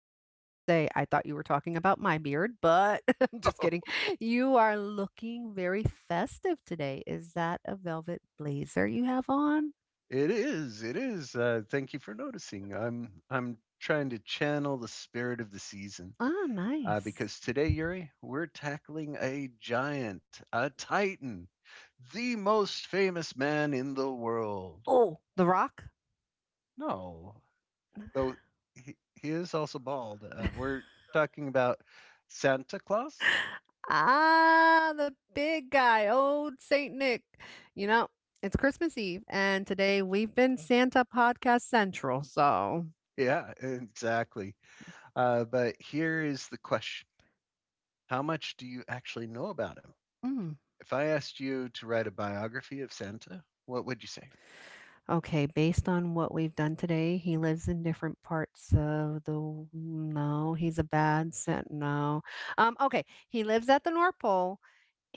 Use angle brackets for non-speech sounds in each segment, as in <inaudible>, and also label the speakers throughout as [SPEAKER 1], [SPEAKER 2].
[SPEAKER 1] I have to say, I thought you were talking about my beard, but <laughs> I'm just kidding.
[SPEAKER 2] <laughs> Oh,
[SPEAKER 1] You are looking very festive today. Is that a velvet blazer you have on?
[SPEAKER 2] It is, it is. Thank you for noticing. I'm trying to channel the spirit of the season
[SPEAKER 1] Ah, nice.
[SPEAKER 2] because today, Yuri, we're tackling a giant, a titan, the most famous man in the world.
[SPEAKER 1] Oh, The Rock?
[SPEAKER 2] No, though he is also bald. Uh,
[SPEAKER 1] <laughs>
[SPEAKER 2] we're talking about Santa Claus.
[SPEAKER 1] ah, the big guy, old Saint Nick. You know, it's Christmas Eve, and today we've been Santa Podcast Central, so.
[SPEAKER 2] Yeah, exactly. But here is the question. How much do you actually know about him?
[SPEAKER 1] Mm.
[SPEAKER 2] If I asked you to write a biography of Santa, what would you say?
[SPEAKER 1] Okay, based on what we've done today, he lives in different parts of the w- mm, no, he's a bad scent. No. Okay, he lives at the North Pole.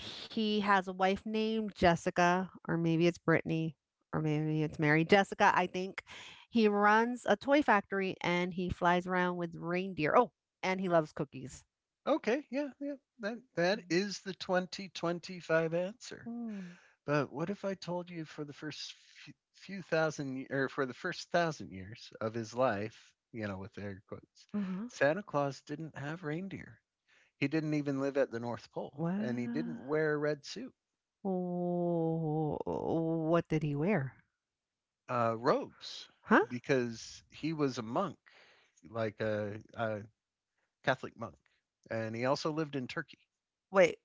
[SPEAKER 1] He has a wife named Jessica, or maybe it's Brittany, or maybe it's Mary. Jessica, I think. He runs a toy factory and he flies around with reindeer. Oh, and he loves cookies.
[SPEAKER 2] Okay, yeah, yeah, that is the 2025 answer.
[SPEAKER 1] Mm.
[SPEAKER 2] But what if I told you for the first few, thousand, or for the first thousand years of his life, you know, with air quotes,
[SPEAKER 1] Uh-huh.
[SPEAKER 2] Santa Claus didn't have reindeer. He didn't even live at the North Pole, and he didn't
[SPEAKER 1] What?
[SPEAKER 2] wear a red suit,
[SPEAKER 1] Oh, what did he wear?
[SPEAKER 2] robes,
[SPEAKER 1] Huh?
[SPEAKER 2] because he was a monk like a Catholic monk, and he also lived in Turkey.
[SPEAKER 1] Wait.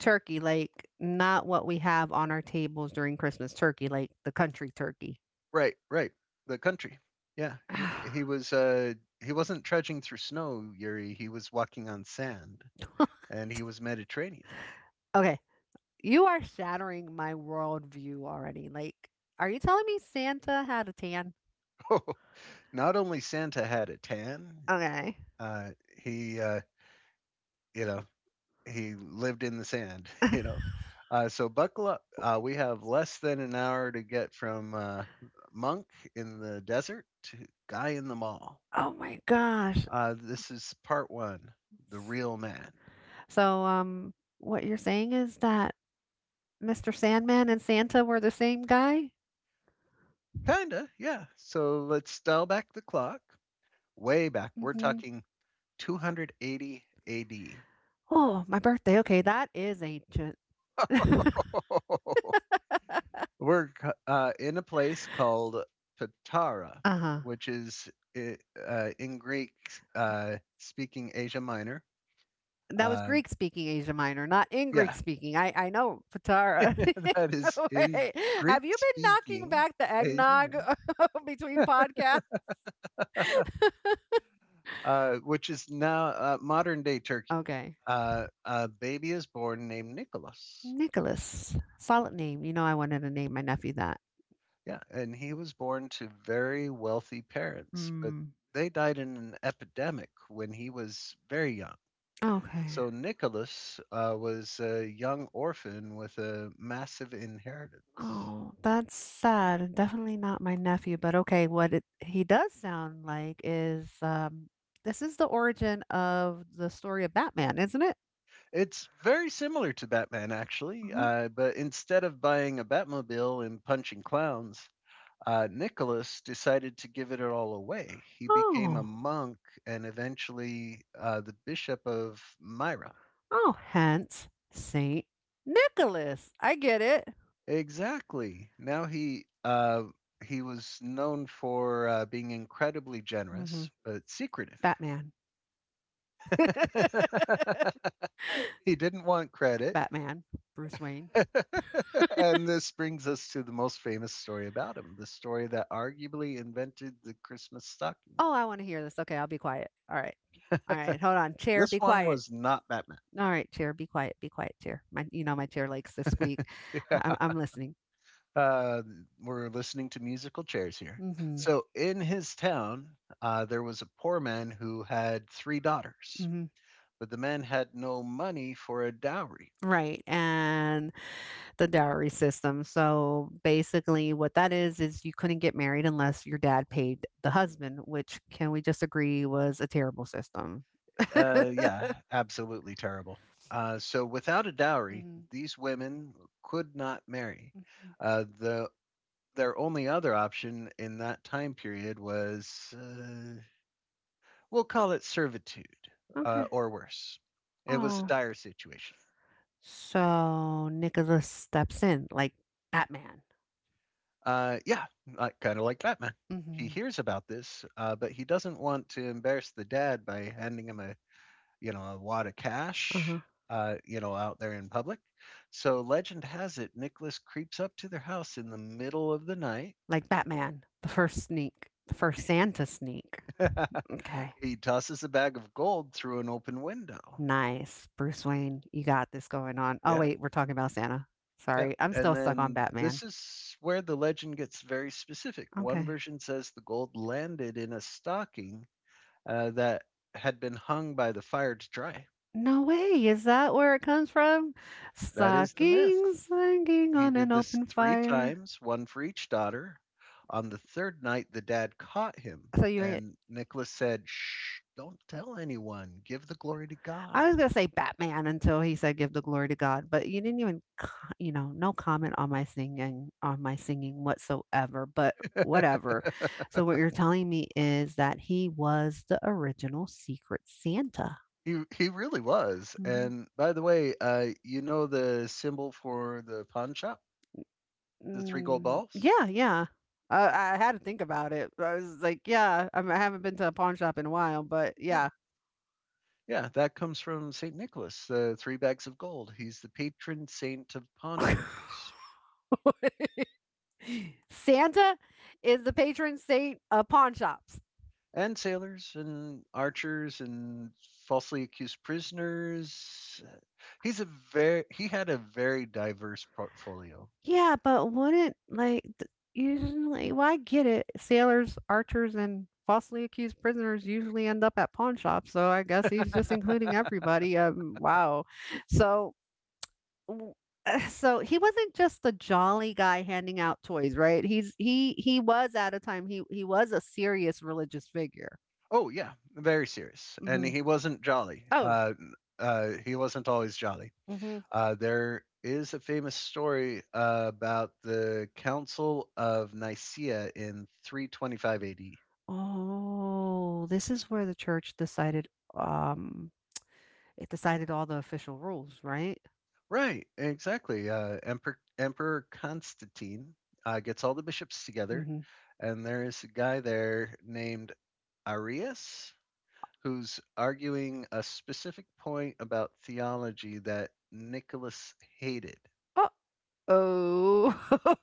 [SPEAKER 1] Turkey, like, not what we have on our tables during Christmas turkey, like the country turkey.
[SPEAKER 2] Right, right, the country. Yeah, he
[SPEAKER 1] <laughs> <sighs>
[SPEAKER 2] was. He wasn't trudging through snow, Yuri. He was walking on sand, and he was Mediterranean. <laughs>
[SPEAKER 1] okay. You are shattering my worldview already. Like, are you telling me Santa had a tan?
[SPEAKER 2] Oh, not only Santa had a tan,
[SPEAKER 1] Okay.
[SPEAKER 2] uh, he, uh, you know, he lived in the sand. <laughs> You
[SPEAKER 1] <laughs>
[SPEAKER 2] know, uh, so buckle up. We have less than an hour to get from monk in the desert to guy in the mall.
[SPEAKER 1] oh my gosh.
[SPEAKER 2] This is part one, the real man.
[SPEAKER 1] So, what you're saying is that Mr. Sandman and Santa were the same guy?
[SPEAKER 2] Kinda, yeah. So let's dial back the clock, way back. We're
[SPEAKER 1] Hmm
[SPEAKER 2] talking 280 AD.
[SPEAKER 1] Oh, my birthday. Okay, that is ancient. <laughs> uh
[SPEAKER 2] <laughs> We're in a place called Patara,
[SPEAKER 1] huh.
[SPEAKER 2] which is in Greek speaking Asia Minor.
[SPEAKER 1] That was
[SPEAKER 2] Um,
[SPEAKER 1] Greek speaking Asia Minor, not in Greek
[SPEAKER 2] yeah,
[SPEAKER 1] speaking. I know, Patara. <laughs>
[SPEAKER 2] <laughs> that is in
[SPEAKER 1] Wait,
[SPEAKER 2] Greek
[SPEAKER 1] have you been knocking
[SPEAKER 2] speaking
[SPEAKER 1] back the
[SPEAKER 2] Asia
[SPEAKER 1] eggnog
[SPEAKER 2] Minor.
[SPEAKER 1] <laughs> between podcasts?
[SPEAKER 2] Which is now modern day Turkey.
[SPEAKER 1] Okay.
[SPEAKER 2] A baby is born named Nicholas.
[SPEAKER 1] Nicholas. Solid name. You know I wanted to name my nephew that.
[SPEAKER 2] Yeah, and he was born to very wealthy parents, but
[SPEAKER 1] Mm.
[SPEAKER 2] they died in an epidemic when he was very young.
[SPEAKER 1] Okay.
[SPEAKER 2] So Nicholas was a young orphan with a massive inheritance.
[SPEAKER 1] Oh, that's sad. Definitely not my nephew, but okay, what it, he does sound like is this is the origin of the story of Batman, isn't it?
[SPEAKER 2] It's very similar to Batman, actually,
[SPEAKER 1] Mhm.
[SPEAKER 2] but instead of buying a Batmobile and punching clowns, Nicholas decided to give it all away. He became a
[SPEAKER 1] Oh.
[SPEAKER 2] monk and eventually the Bishop of Myra.
[SPEAKER 1] Oh, hence Saint Nicholas. I get it.
[SPEAKER 2] Exactly. Now he was known for being incredibly
[SPEAKER 1] Hmm
[SPEAKER 2] generous but secretive.
[SPEAKER 1] Batman.
[SPEAKER 2] <laughs>
[SPEAKER 1] <laughs>
[SPEAKER 2] He didn't want credit.
[SPEAKER 1] Batman. Bruce Wayne.
[SPEAKER 2] <laughs> And this brings us to the most famous story about him, the story that arguably invented the Christmas stocking.
[SPEAKER 1] Oh, I want to hear this. Okay, I'll be quiet. All right. All right. Hold on. Chair,
[SPEAKER 2] This
[SPEAKER 1] be
[SPEAKER 2] one
[SPEAKER 1] quiet.
[SPEAKER 2] was not Batman.
[SPEAKER 1] All right, chair, be quiet. Be quiet, chair. My, my chair likes to squeak. I'm,
[SPEAKER 2] <laughs> Yeah.
[SPEAKER 1] I'm listening.
[SPEAKER 2] Uh, we're listening to musical chairs here.
[SPEAKER 1] Hmm
[SPEAKER 2] So in his town, there was a poor man who had three daughters,
[SPEAKER 1] hmm
[SPEAKER 2] but the man had no money for a dowry.
[SPEAKER 1] Right, and the dowry system. So basically, what that is you couldn't get married unless your dad paid the husband, which can we just agree was a terrible system? <laughs>
[SPEAKER 2] Yeah, absolutely terrible. So without a dowry,
[SPEAKER 1] hmm
[SPEAKER 2] these women could not marry.
[SPEAKER 1] hmm
[SPEAKER 2] The their only other option in that time period was, we'll call it servitude,
[SPEAKER 1] Okay.
[SPEAKER 2] or worse. It was a
[SPEAKER 1] Oh.
[SPEAKER 2] dire situation.
[SPEAKER 1] So Nicholas steps in like Batman.
[SPEAKER 2] Yeah, like, kind of like Batman. He
[SPEAKER 1] Hmm
[SPEAKER 2] hears about this, but he doesn't want to embarrass the dad by handing him a you know a wad of cash,
[SPEAKER 1] Uh-huh.
[SPEAKER 2] you know, out there in public. So legend has it Nicholas creeps up to their house in the middle of the night.
[SPEAKER 1] Like Batman, the first sneak, the first Santa sneak.
[SPEAKER 2] <laughs>
[SPEAKER 1] Okay.
[SPEAKER 2] He tosses a bag of gold through an open window.
[SPEAKER 1] Nice. Bruce Wayne, you got this going on. Oh,
[SPEAKER 2] Yeah,
[SPEAKER 1] wait, we're talking about Santa.
[SPEAKER 2] yeah.
[SPEAKER 1] Sorry, I'm
[SPEAKER 2] And
[SPEAKER 1] still stuck on
[SPEAKER 2] then
[SPEAKER 1] Batman.
[SPEAKER 2] this is where the legend gets very specific. One
[SPEAKER 1] Okay.
[SPEAKER 2] version says the gold landed in a stocking that had been hung by the fire to dry.
[SPEAKER 1] No way. Is that where it comes from?
[SPEAKER 2] That is the myth.
[SPEAKER 1] Stockings hanging
[SPEAKER 2] He
[SPEAKER 1] on
[SPEAKER 2] did
[SPEAKER 1] an
[SPEAKER 2] this
[SPEAKER 1] open
[SPEAKER 2] 3
[SPEAKER 1] fire.
[SPEAKER 2] times, 1 for each daughter. On the 3rd night, the dad caught him,
[SPEAKER 1] So you ain't.
[SPEAKER 2] and Nicholas said, "Shh, don't tell anyone. Give the glory to God."
[SPEAKER 1] I was gonna say Batman until he said, "Give the glory to God," but you didn't even, co- no comment on my singing whatsoever. But whatever. So what you're telling me is that he was the original Secret Santa.
[SPEAKER 2] He really was, and by the way, you know the symbol for the pawn shop? The 3 gold
[SPEAKER 1] Mm,
[SPEAKER 2] balls?
[SPEAKER 1] yeah, yeah. I had to think about it. I was like, yeah, I mean, I haven't been to a pawn shop in a while, but
[SPEAKER 2] Yeah.
[SPEAKER 1] yeah.
[SPEAKER 2] Yeah, that comes from Saint Nicholas, the 3 bags of gold. He's the patron saint of
[SPEAKER 1] <laughs>
[SPEAKER 2] pawnbrokers
[SPEAKER 1] Santa is the patron saint of pawn shops.
[SPEAKER 2] and sailors and archers and falsely accused prisoners. He's a very he had a very diverse portfolio.
[SPEAKER 1] Yeah, but wouldn't like th- usually? Well, I get it. Sailors, archers, and falsely accused prisoners usually end up at pawn shops, so I guess he's just including everybody. Wow. So w- <sighs> so he wasn't just a jolly guy handing out toys, right? He was at a time he was a serious religious figure.
[SPEAKER 2] Oh yeah, very serious, and
[SPEAKER 1] hmm
[SPEAKER 2] he wasn't jolly.
[SPEAKER 1] Oh,
[SPEAKER 2] He wasn't always jolly.
[SPEAKER 1] hmm
[SPEAKER 2] There is a famous story about the Council of Nicaea in 325 AD.
[SPEAKER 1] Oh, this is where the church decided um it decided all the official rules, right?
[SPEAKER 2] Right, exactly. Emperor Constantine gets all the bishops together,
[SPEAKER 1] hmm
[SPEAKER 2] and there is a guy there named Arius who's arguing a specific point about theology that Nicholas hated.
[SPEAKER 1] Uh-oh.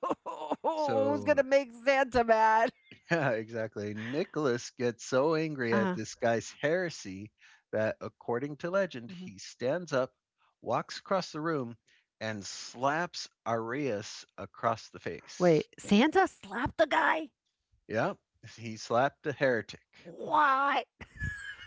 [SPEAKER 1] <laughs> Who's
[SPEAKER 2] So,
[SPEAKER 1] gonna make Santa mad?
[SPEAKER 2] <laughs> yeah, exactly. Nicholas gets so angry at
[SPEAKER 1] Uh-huh.
[SPEAKER 2] this guy's heresy that, according to legend,
[SPEAKER 1] hmm
[SPEAKER 2] he stands up, walks across the room, and slaps Arius across the
[SPEAKER 1] Wait,
[SPEAKER 2] face.
[SPEAKER 1] Santa slapped the guy?
[SPEAKER 2] Yeah, he slapped a heretic.
[SPEAKER 1] What?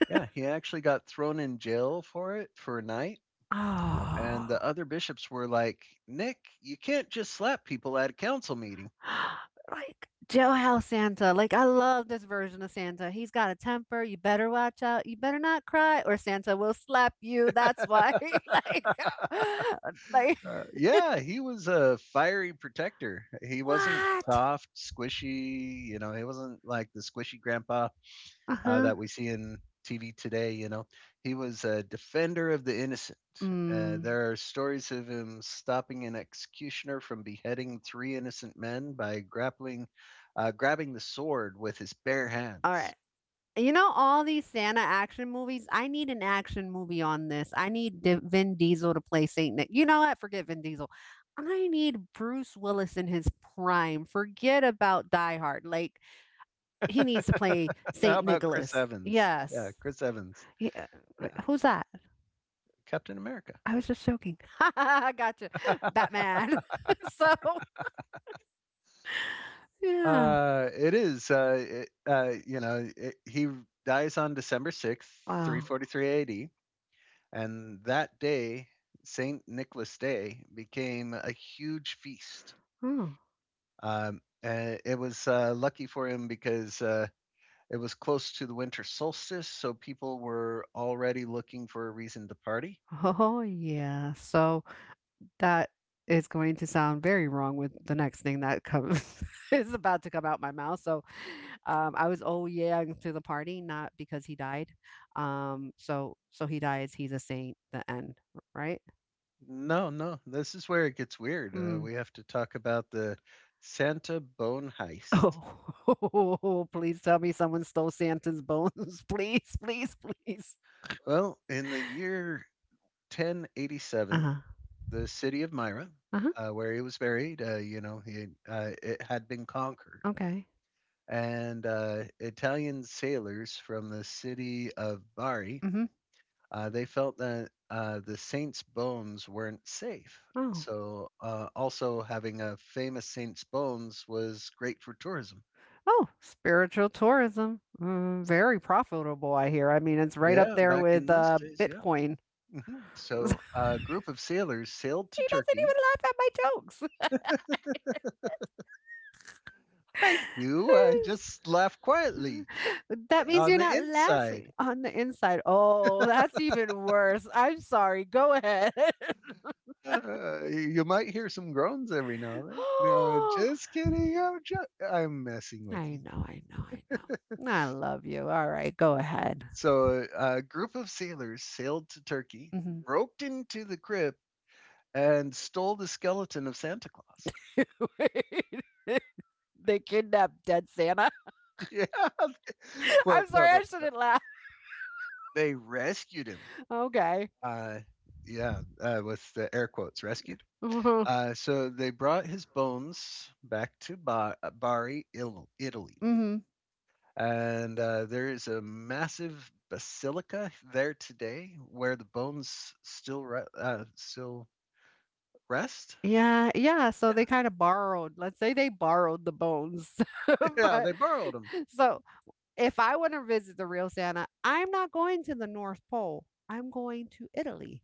[SPEAKER 2] Yeah, he actually got thrown in jail for it for a night.
[SPEAKER 1] Oh.
[SPEAKER 2] And the other bishops were like, Nick, you can't just slap people at a council meeting.
[SPEAKER 1] <gasps> Like, jailhouse Santa, like, I love this version of Santa. He's got a temper, you better watch out, you better not cry, or Santa will slap you, that's why, <laughs> like, <laughs> like,
[SPEAKER 2] Yeah, he was a fiery protector. He wasn't
[SPEAKER 1] what?
[SPEAKER 2] soft, squishy. You know, he wasn't like the squishy grandpa
[SPEAKER 1] Uh-huh.
[SPEAKER 2] that we see in TV today. You know, he was a defender of the innocent.
[SPEAKER 1] Mm.
[SPEAKER 2] There are stories of him stopping an executioner from beheading three innocent men by grabbing the sword with his bare
[SPEAKER 1] All right.
[SPEAKER 2] hands.
[SPEAKER 1] You know all these Santa action movies? I need an action movie on this. I need Vin Diesel to play Saint Nick. You know what? Forget Vin Diesel. I need Bruce Willis in his prime. Forget about Die Hard. Like, he needs to play
[SPEAKER 2] <laughs> How
[SPEAKER 1] Saint
[SPEAKER 2] about Chris
[SPEAKER 1] Nicholas.
[SPEAKER 2] Evans? Yeah,
[SPEAKER 1] Yes.
[SPEAKER 2] Chris Evans.
[SPEAKER 1] He- uh,
[SPEAKER 2] Yeah,
[SPEAKER 1] who's that?
[SPEAKER 2] Captain America.
[SPEAKER 1] I was just joking. <laughs> I gotcha. Batman. <laughs> so yeah.
[SPEAKER 2] It is. It, you know, it, he dies on December 6th, three
[SPEAKER 1] Wow.
[SPEAKER 2] forty three A.D. And that day, St. Nicholas Day, became a huge feast.
[SPEAKER 1] Oh.
[SPEAKER 2] It was Lucky for him because it was close to the winter solstice, so people were already looking for a reason to party.
[SPEAKER 1] oh yeah. So that is going to sound very wrong with the next thing that comes <laughs> is about to come out my mouth. So I was oh yeah to the party, not because he died. So so he dies. He's a saint. The end. Right.
[SPEAKER 2] No, no, this is where it gets weird. We have to talk about the Santa Bone Heist.
[SPEAKER 1] Oh, <laughs> please tell me someone stole Santa's bones. <laughs> Please, please, please.
[SPEAKER 2] Well, in the year 1087,
[SPEAKER 1] Uh-huh.
[SPEAKER 2] the city of Myra,
[SPEAKER 1] Uh-huh.
[SPEAKER 2] where he was buried, you know, he, it had been conquered.
[SPEAKER 1] Okay.
[SPEAKER 2] And Italian sailors from the city of Bari,
[SPEAKER 1] Mhm.
[SPEAKER 2] they felt that the saint's bones weren't safe.
[SPEAKER 1] Oh.
[SPEAKER 2] So, also having a famous saint's bones was great for tourism.
[SPEAKER 1] Oh, spiritual tourism. Mm, very profitable, I hear. I mean, it's right up
[SPEAKER 2] Yeah,
[SPEAKER 1] there
[SPEAKER 2] back in
[SPEAKER 1] with
[SPEAKER 2] those days, yeah.
[SPEAKER 1] Bitcoin.
[SPEAKER 2] Hmm.
[SPEAKER 1] <laughs> he doesn't
[SPEAKER 2] So, a group of sailors sailed to Turkey.
[SPEAKER 1] even laugh at my jokes.
[SPEAKER 2] I do. I just laugh quietly
[SPEAKER 1] <laughs> that means
[SPEAKER 2] on
[SPEAKER 1] you're
[SPEAKER 2] the
[SPEAKER 1] not
[SPEAKER 2] inside.
[SPEAKER 1] laughing on the inside. Oh, that's even worse. I'm sorry. Go ahead.
[SPEAKER 2] You might hear some groans every now and then. No,
[SPEAKER 1] <laughs> <gasps>
[SPEAKER 2] just kidding. I'm messing with
[SPEAKER 1] I
[SPEAKER 2] you.
[SPEAKER 1] know, I know, I know. I love you. All right, go ahead.
[SPEAKER 2] So a group of sailors sailed to Turkey,
[SPEAKER 1] Hmm
[SPEAKER 2] broke into the crypt, and stole the skeleton of Santa Claus.
[SPEAKER 1] <laughs> Wait. <laughs> they kidnapped dead Santa.
[SPEAKER 2] <laughs> Yeah.
[SPEAKER 1] <laughs>
[SPEAKER 2] Well,
[SPEAKER 1] I'm
[SPEAKER 2] no,
[SPEAKER 1] sorry,
[SPEAKER 2] no,
[SPEAKER 1] I
[SPEAKER 2] no.
[SPEAKER 1] shouldn't laugh.
[SPEAKER 2] They rescued him.
[SPEAKER 1] Okay. <laughs>
[SPEAKER 2] Uh, yeah, with the air quotes, rescued.
[SPEAKER 1] Mhm.
[SPEAKER 2] So they brought his bones back to Bari, Italy.
[SPEAKER 1] hmm
[SPEAKER 2] And there is a massive basilica there today where the bones still rest.
[SPEAKER 1] Yeah, yeah. So
[SPEAKER 2] Yeah,
[SPEAKER 1] they kind of borrowed, let's say they borrowed the bones.
[SPEAKER 2] <laughs>
[SPEAKER 1] <laughs>
[SPEAKER 2] yeah,
[SPEAKER 1] but
[SPEAKER 2] they borrowed them.
[SPEAKER 1] so if I want to visit the real Santa, I'm not going to the North Pole. I'm going to Italy.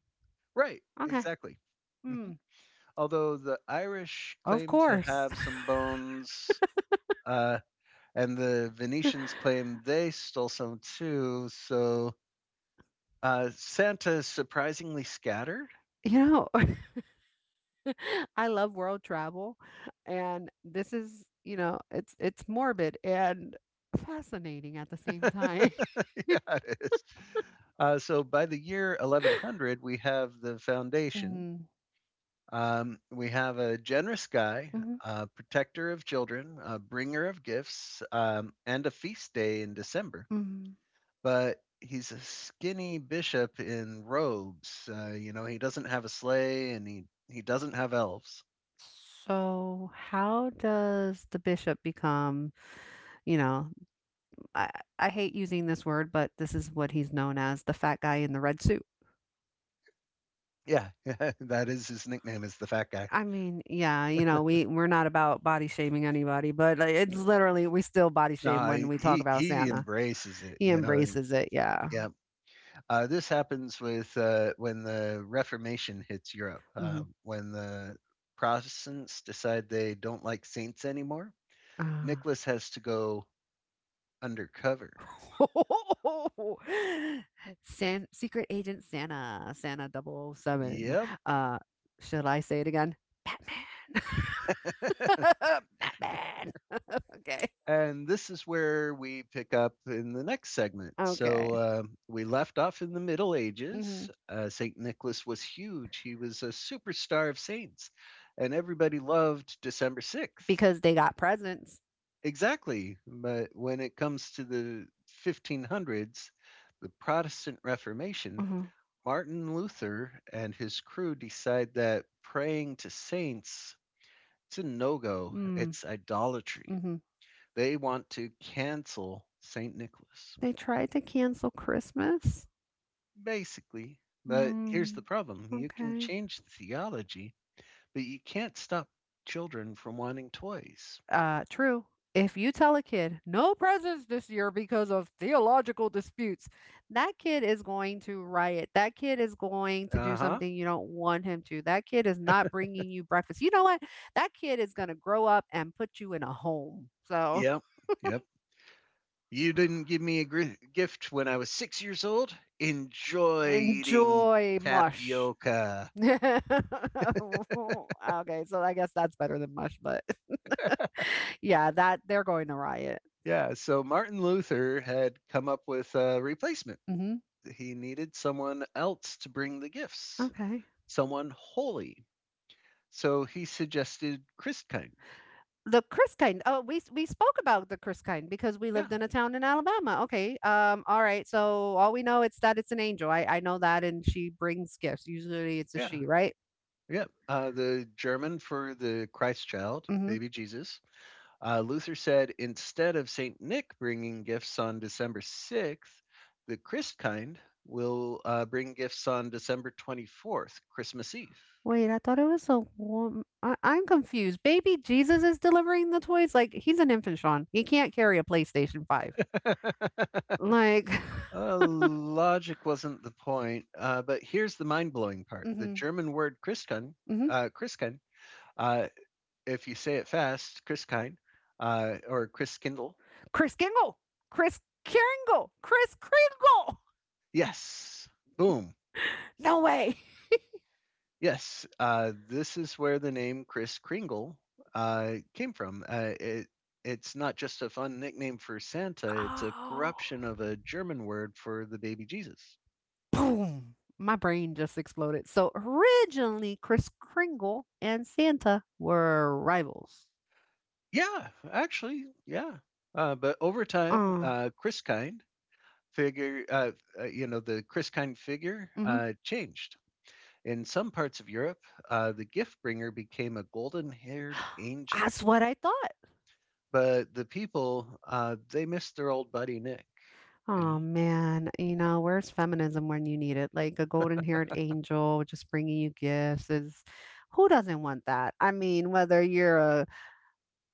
[SPEAKER 2] Right,
[SPEAKER 1] Okay.
[SPEAKER 2] exactly. Mhm.
[SPEAKER 1] Hmm.
[SPEAKER 2] Although the Irish
[SPEAKER 1] Of
[SPEAKER 2] claim to
[SPEAKER 1] course.
[SPEAKER 2] have some
[SPEAKER 1] <laughs>
[SPEAKER 2] bones, uh, and the Venetians claim they stole some too. So Santa is surprisingly scattered.
[SPEAKER 1] You know, <laughs> I love world travel and this is, it's morbid and fascinating at the same time. <laughs>
[SPEAKER 2] <laughs> Yeah, it is. So by the year 1100, we have the foundation.
[SPEAKER 1] Mm-hmm.
[SPEAKER 2] We have a generous guy,
[SPEAKER 1] hmm
[SPEAKER 2] a protector of children, a bringer of gifts, and a feast day in December.
[SPEAKER 1] hmm
[SPEAKER 2] But he's a skinny bishop in robes. You know, he doesn't have a sleigh and he doesn't have elves.
[SPEAKER 1] So, how does the bishop become, you know, I, I hate using this word, but this is what he's known as the fat guy in the red suit.
[SPEAKER 2] Yeah, <laughs> that is his nickname is the fat guy.
[SPEAKER 1] I mean, yeah, we we're not about body shaming anybody, but like, it's literally we still body shame
[SPEAKER 2] No,
[SPEAKER 1] when
[SPEAKER 2] he
[SPEAKER 1] we talk
[SPEAKER 2] he
[SPEAKER 1] about
[SPEAKER 2] he
[SPEAKER 1] Santa.
[SPEAKER 2] embraces it,
[SPEAKER 1] He
[SPEAKER 2] you know.
[SPEAKER 1] embraces it, yeah.
[SPEAKER 2] Yeah, this happens with when the Reformation hits Europe,
[SPEAKER 1] hmm
[SPEAKER 2] when the Protestants decide they don't like saints anymore. Nicholas has to go undercover.
[SPEAKER 1] <laughs> San Secret Agent Santa, Santa double oh 007.
[SPEAKER 2] Yep.
[SPEAKER 1] Uh, should I say it again? Batman. <laughs> Batman. Okay.
[SPEAKER 2] And this is where we pick up in the next segment.
[SPEAKER 1] Okay.
[SPEAKER 2] So we left off in the Middle
[SPEAKER 1] hmm
[SPEAKER 2] Ages. St. Nicholas was huge, he was a superstar of saints, and everybody loved December 6th.
[SPEAKER 1] Because they got presents.
[SPEAKER 2] Exactly. But when it comes to the 1500s, the Protestant Reformation,
[SPEAKER 1] Uh-huh.
[SPEAKER 2] Martin Luther and his crew decide that praying to saints it's a no-go.
[SPEAKER 1] Mm-hmm.
[SPEAKER 2] It's idolatry. They want to cancel St. Nicholas,
[SPEAKER 1] They tried to cancel Christmas.
[SPEAKER 2] basically. But here's the
[SPEAKER 1] Mm,
[SPEAKER 2] problem you can
[SPEAKER 1] okay.
[SPEAKER 2] change the theology, but you can't stop children from wanting toys.
[SPEAKER 1] True. If you tell a kid no presents this year because of theological disputes, that kid is going to riot. That kid is going to
[SPEAKER 2] Uh
[SPEAKER 1] do
[SPEAKER 2] huh.
[SPEAKER 1] something you don't want him to. That kid is not bringing you breakfast. You know what? That kid is going to grow up and put you in a home. So
[SPEAKER 2] Yep. Yep. You didn't give me a gift when I was 6 years old.
[SPEAKER 1] <laughs>
[SPEAKER 2] Enjoy eating
[SPEAKER 1] enjoy mush.
[SPEAKER 2] tapioca.
[SPEAKER 1] <laughs> okay, so I guess that's better than mush, but <laughs> yeah, that they're going to riot.
[SPEAKER 2] Yeah, so Martin Luther had come up with a replacement.
[SPEAKER 1] Hmm
[SPEAKER 2] He needed someone else to bring the gifts,
[SPEAKER 1] Okay.
[SPEAKER 2] someone holy. So he suggested Christkind.
[SPEAKER 1] The Chris kind. Oh, we spoke about the Chris kind because we
[SPEAKER 2] Yeah,
[SPEAKER 1] lived in a town in Alabama. Okay. All right. So all we know it's that it's an angel. I know that, and she brings gifts. Usually it's a
[SPEAKER 2] yeah,
[SPEAKER 1] she, right?
[SPEAKER 2] yeah. The German for the Christ child,
[SPEAKER 1] Mm-hmm.
[SPEAKER 2] baby Jesus. Luther said instead of St. Nick bringing gifts on December 6th, the Christkind will bring gifts on December 24th, Christmas Eve. <laughs>
[SPEAKER 1] Wait, I thought it was a woman. I'm confused. Baby Jesus is delivering the toys. Like he's an infant, Sean. He can't carry a PlayStation Five. Like, <laughs>
[SPEAKER 2] Logic wasn't the point, but here's the mind blowing part. The
[SPEAKER 1] mm-hmm,
[SPEAKER 2] German word Christkind,
[SPEAKER 1] mm-hmm.
[SPEAKER 2] uh, Christkind uh, if you say it fast, Chris Kine or Chris Kindle.
[SPEAKER 1] Chris Kingle, Chris Kringle, Chris Kringle. <laughs>
[SPEAKER 2] Yes. Boom.
[SPEAKER 1] No way.
[SPEAKER 2] Yes. This is where the name Chris Kringle came from. It's not just a fun nickname for Santa, it's a
[SPEAKER 1] Oh.
[SPEAKER 2] corruption of a German word for the baby Jesus.
[SPEAKER 1] boom, my brain just exploded. So originally, Kris Kringle and Santa were rivals.
[SPEAKER 2] Yeah, actually, yeah. But over time,
[SPEAKER 1] Uh,
[SPEAKER 2] Chris Kind figure, you know, the Chris Kind figure
[SPEAKER 1] mhm.
[SPEAKER 2] changed. In some parts of Europe, the gift bringer became a golden haired
[SPEAKER 1] <gasps>
[SPEAKER 2] angel,
[SPEAKER 1] That's what I thought.
[SPEAKER 2] but the people, they missed their old buddy Nick, you
[SPEAKER 1] Oh
[SPEAKER 2] know?
[SPEAKER 1] man, where's feminism when you need it? Like a golden haired angel just bringing you gifts is who doesn't want that? I mean, whether you're a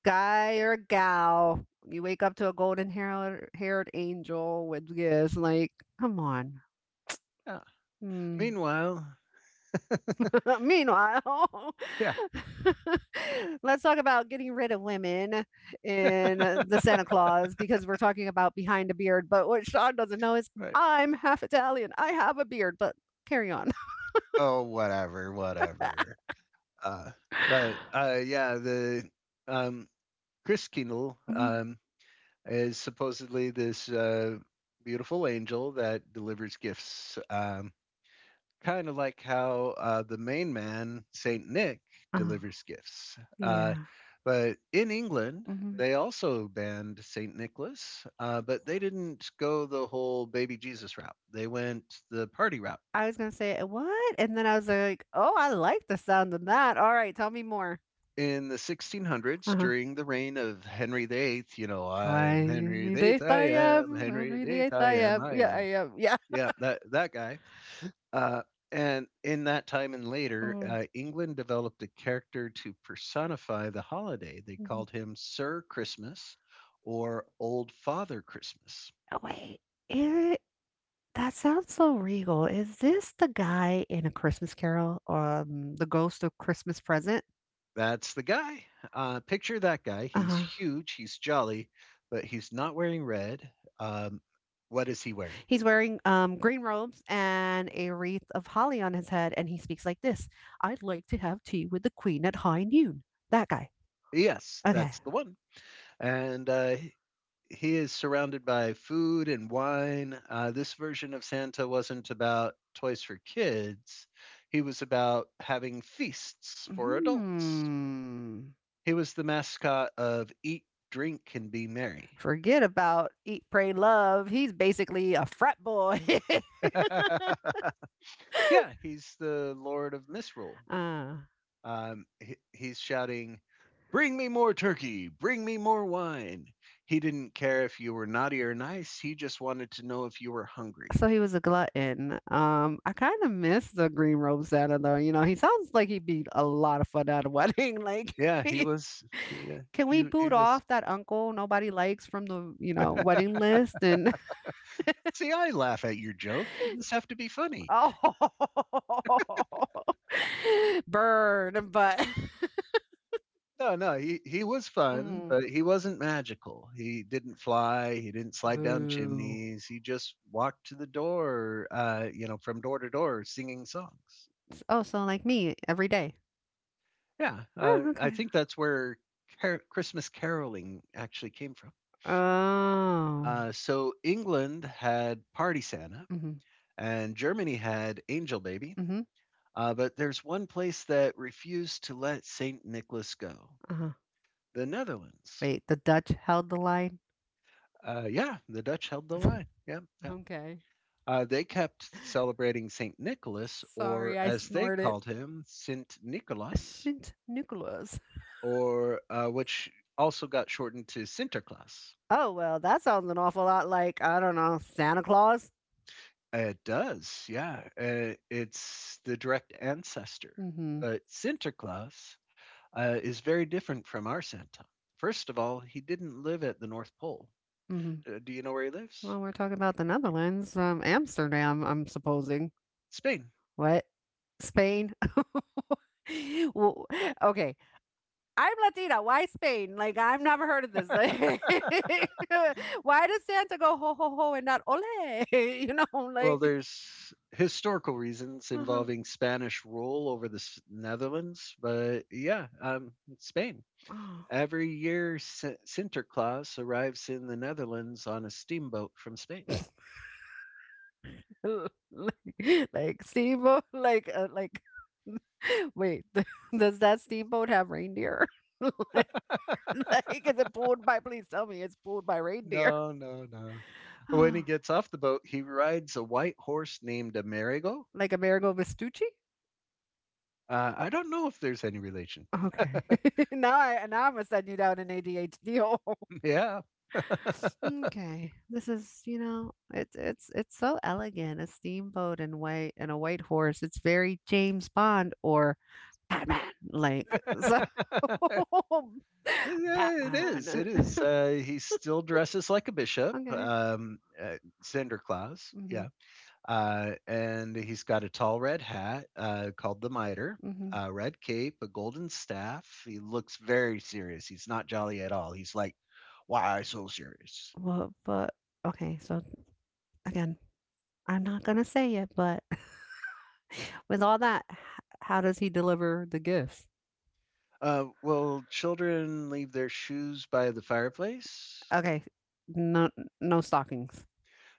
[SPEAKER 1] guy or a gal, you wake up to a golden haired angel with gifts. Like, come on.
[SPEAKER 2] Yeah.
[SPEAKER 1] Hmm.
[SPEAKER 2] Meanwhile,
[SPEAKER 1] <laughs> Meanwhile,
[SPEAKER 2] yeah,
[SPEAKER 1] <laughs> let's talk about getting rid of women in the Santa Claus because we're talking about behind a beard. But what Sean doesn't know is
[SPEAKER 2] right.
[SPEAKER 1] I'm half Italian. I have a beard, but carry on.
[SPEAKER 2] Oh, whatever, whatever. Uh, but yeah, the um, Chris Kindle
[SPEAKER 1] Mhm,
[SPEAKER 2] is supposedly this beautiful angel that delivers gifts. Kind of like how the main man, Saint Nick,
[SPEAKER 1] <laughs> Oh,
[SPEAKER 2] delivers gifts.
[SPEAKER 1] yeah.
[SPEAKER 2] But in England,
[SPEAKER 1] mhm.
[SPEAKER 2] they also banned Saint Nicholas, but they didn't go the whole baby Jesus route. They went the party route.
[SPEAKER 1] I was going to say, what? And then I was like, oh, I like the sound of that. All right, tell me more.
[SPEAKER 2] In the 1600s,
[SPEAKER 1] Uh-huh.
[SPEAKER 2] during the reign of Henry VIII, you know, I'm
[SPEAKER 1] I'm
[SPEAKER 2] Henry
[SPEAKER 1] the
[SPEAKER 2] VIII,
[SPEAKER 1] eighth I
[SPEAKER 2] I am
[SPEAKER 1] am.
[SPEAKER 2] Henry
[SPEAKER 1] Henry the
[SPEAKER 2] VIII,
[SPEAKER 1] eighth I
[SPEAKER 2] I am,
[SPEAKER 1] am.
[SPEAKER 2] I
[SPEAKER 1] Yeah, I
[SPEAKER 2] am.
[SPEAKER 1] am. Yeah.
[SPEAKER 2] Yeah, that guy. Uh, and in that time and later,
[SPEAKER 1] Mm,
[SPEAKER 2] England developed a character to personify the holiday. They
[SPEAKER 1] mhm.
[SPEAKER 2] called him Sir Christmas or Old Father Christmas.
[SPEAKER 1] Oh, wait. It That sounds so regal. Is this the guy in A Christmas Carol? The Ghost of Christmas Present?
[SPEAKER 2] That's the guy. Picture that guy. He's
[SPEAKER 1] Uh-huh.
[SPEAKER 2] huge, he's jolly, but he's not wearing red. Um, what is he wearing?
[SPEAKER 1] He's wearing green robes and a wreath of holly on his head, and he speaks like this. I'd like to have tea with the queen at high noon. That guy.
[SPEAKER 2] Yes,
[SPEAKER 1] Okay.
[SPEAKER 2] that's the one. And he is surrounded by food and wine. This version of Santa wasn't about toys for kids, he was about having feasts for adults.
[SPEAKER 1] Hmm.
[SPEAKER 2] He was the mascot of Eat, Drink, and Be Merry.
[SPEAKER 1] Forget about eat, pray, love. He's basically a frat boy.
[SPEAKER 2] <laughs> Yeah, he's the Lord of Misrule.
[SPEAKER 1] <laughs> uh.
[SPEAKER 2] He's shouting, "Bring me more turkey, bring me more wine." He didn't care if you were naughty or nice, he just wanted to know if you were hungry.
[SPEAKER 1] So he was a glutton. I kind of miss the green robe Santa though. You know, he sounds like he'd be a lot of fun at a wedding. <laughs> Like,
[SPEAKER 2] Yeah, he
[SPEAKER 1] <laughs>
[SPEAKER 2] was. Yeah,
[SPEAKER 1] can we
[SPEAKER 2] he, he
[SPEAKER 1] boot
[SPEAKER 2] was
[SPEAKER 1] off that uncle nobody likes from the wedding list? And
[SPEAKER 2] See, I laugh at your joke. You just have to be funny.
[SPEAKER 1] <laughs> oh, <laughs> burn, but
[SPEAKER 2] No, no, he was
[SPEAKER 1] <laughs>
[SPEAKER 2] fun,
[SPEAKER 1] mm,
[SPEAKER 2] but he wasn't magical. He didn't fly. He didn't slide down
[SPEAKER 1] boo.
[SPEAKER 2] chimneys. He just walked to the door, you know, from door to door, singing songs.
[SPEAKER 1] S- Oh, so like me every day.
[SPEAKER 2] Yeah,
[SPEAKER 1] Oh,
[SPEAKER 2] I
[SPEAKER 1] okay.
[SPEAKER 2] think that's where Christmas caroling actually came from.
[SPEAKER 1] Oh.
[SPEAKER 2] So England had Party Santa,
[SPEAKER 1] Mm-hmm.
[SPEAKER 2] and Germany had Angel Baby.
[SPEAKER 1] Mm-hmm.
[SPEAKER 2] But there's one place that refused to let Saint Nicholas go:
[SPEAKER 1] Uh-huh.
[SPEAKER 2] the Netherlands.
[SPEAKER 1] Wait, the Dutch held the line.
[SPEAKER 2] Yeah, the Dutch held the line.
[SPEAKER 1] <laughs>
[SPEAKER 2] Yeah, yeah.
[SPEAKER 1] okay.
[SPEAKER 2] They kept celebrating Saint Nicholas, or
[SPEAKER 1] Sorry, I
[SPEAKER 2] as they
[SPEAKER 1] snorted.
[SPEAKER 2] called him, Sint Nicholas,
[SPEAKER 1] Saint Nicholas.
[SPEAKER 2] or which also got shortened to Sinterklaas.
[SPEAKER 1] Oh, well, that sounds an awful lot like, I don't know, Santa Claus?
[SPEAKER 2] It does, yeah. It's the direct ancestor,
[SPEAKER 1] Mm-hmm.
[SPEAKER 2] but Sinterklaas is very different from our Santa. First of all, he didn't live at the North Pole.
[SPEAKER 1] Mm-hmm.
[SPEAKER 2] Do you know where he lives?
[SPEAKER 1] Well, we're talking about the Netherlands, Amsterdam. I'm supposing
[SPEAKER 2] Spain.
[SPEAKER 1] what? Spain. <laughs> Well, okay. I'm Latina. Why Spain? Like, I've never heard of this. <laughs> Like, why does Santa go ho ho ho and not ole? <laughs>
[SPEAKER 2] Well,
[SPEAKER 1] Like,
[SPEAKER 2] there's historical reasons
[SPEAKER 1] uh-huh.
[SPEAKER 2] involving Spanish rule over the Netherlands, but yeah, Spain. Every year, Sinterklaas arrives in the Netherlands on a steamboat from Spain.
[SPEAKER 1] <sighs> like, <laughs> like, Steve, like, <laughs> wait, <laughs> does that steamboat have reindeer? <laughs> like, like, is it pulled by, please tell me it's pulled by reindeer.
[SPEAKER 2] No, no, no. When he
[SPEAKER 1] <gasps> <sighs>
[SPEAKER 2] gets off the boat, he rides a white horse named Amerigo.
[SPEAKER 1] like Amerigo Vespucci?
[SPEAKER 2] I don't know if there's any relation.
[SPEAKER 1] Okay. <laughs> Now I'm gonna send you down an ADHD hole.
[SPEAKER 2] Yeah.
[SPEAKER 1] <laughs> okay. This is, you know, it's so elegant. A steamboat and a white horse. It's very James Bond or Batman. Like so <laughs>
[SPEAKER 2] <laughs> Yeah, it is.
[SPEAKER 1] Batman.
[SPEAKER 2] It is.
[SPEAKER 1] <laughs>
[SPEAKER 2] He still dresses like a bishop,
[SPEAKER 1] okay.
[SPEAKER 2] Santa Claus.
[SPEAKER 1] Mm-hmm.
[SPEAKER 2] Yeah, and he's got a tall red hat called the mitre,
[SPEAKER 1] Mm-hmm.
[SPEAKER 2] a red cape, a golden staff. He looks very serious. He's not jolly at all. He's like, "Why so serious?"
[SPEAKER 1] Well, but okay, so again, I'm not gonna say it, but <laughs> with all that, how does he deliver the gifts?
[SPEAKER 2] Will children leave their shoes by the fireplace?
[SPEAKER 1] Okay, no, no stockings.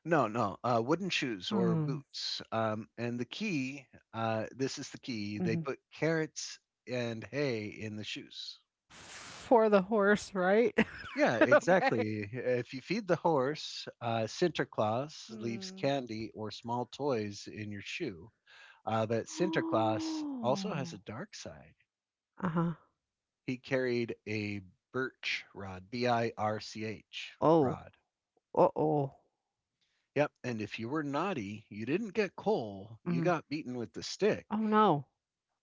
[SPEAKER 2] No, no, wooden shoes or
[SPEAKER 1] Hmm.
[SPEAKER 2] boots. And the key, this is the key. They
[SPEAKER 1] Mhm.
[SPEAKER 2] put carrots and hay in the shoes.
[SPEAKER 1] For the horse, right?
[SPEAKER 2] Yeah,
[SPEAKER 1] <laughs> okay.
[SPEAKER 2] exactly. If you feed the horse, Sinterklaas leaves
[SPEAKER 1] Hmm.
[SPEAKER 2] candy or small toys in your shoe. But
[SPEAKER 1] <gasps>
[SPEAKER 2] Sinterklaas also has a
[SPEAKER 1] Oh.
[SPEAKER 2] dark side.
[SPEAKER 1] Uh huh.
[SPEAKER 2] He carried a birch rod, BIRCH
[SPEAKER 1] Oh.
[SPEAKER 2] rod.
[SPEAKER 1] Uh oh.
[SPEAKER 2] Yep. And if you were naughty, you didn't get coal, you
[SPEAKER 1] Mm.
[SPEAKER 2] got beaten with the stick.
[SPEAKER 1] Oh no.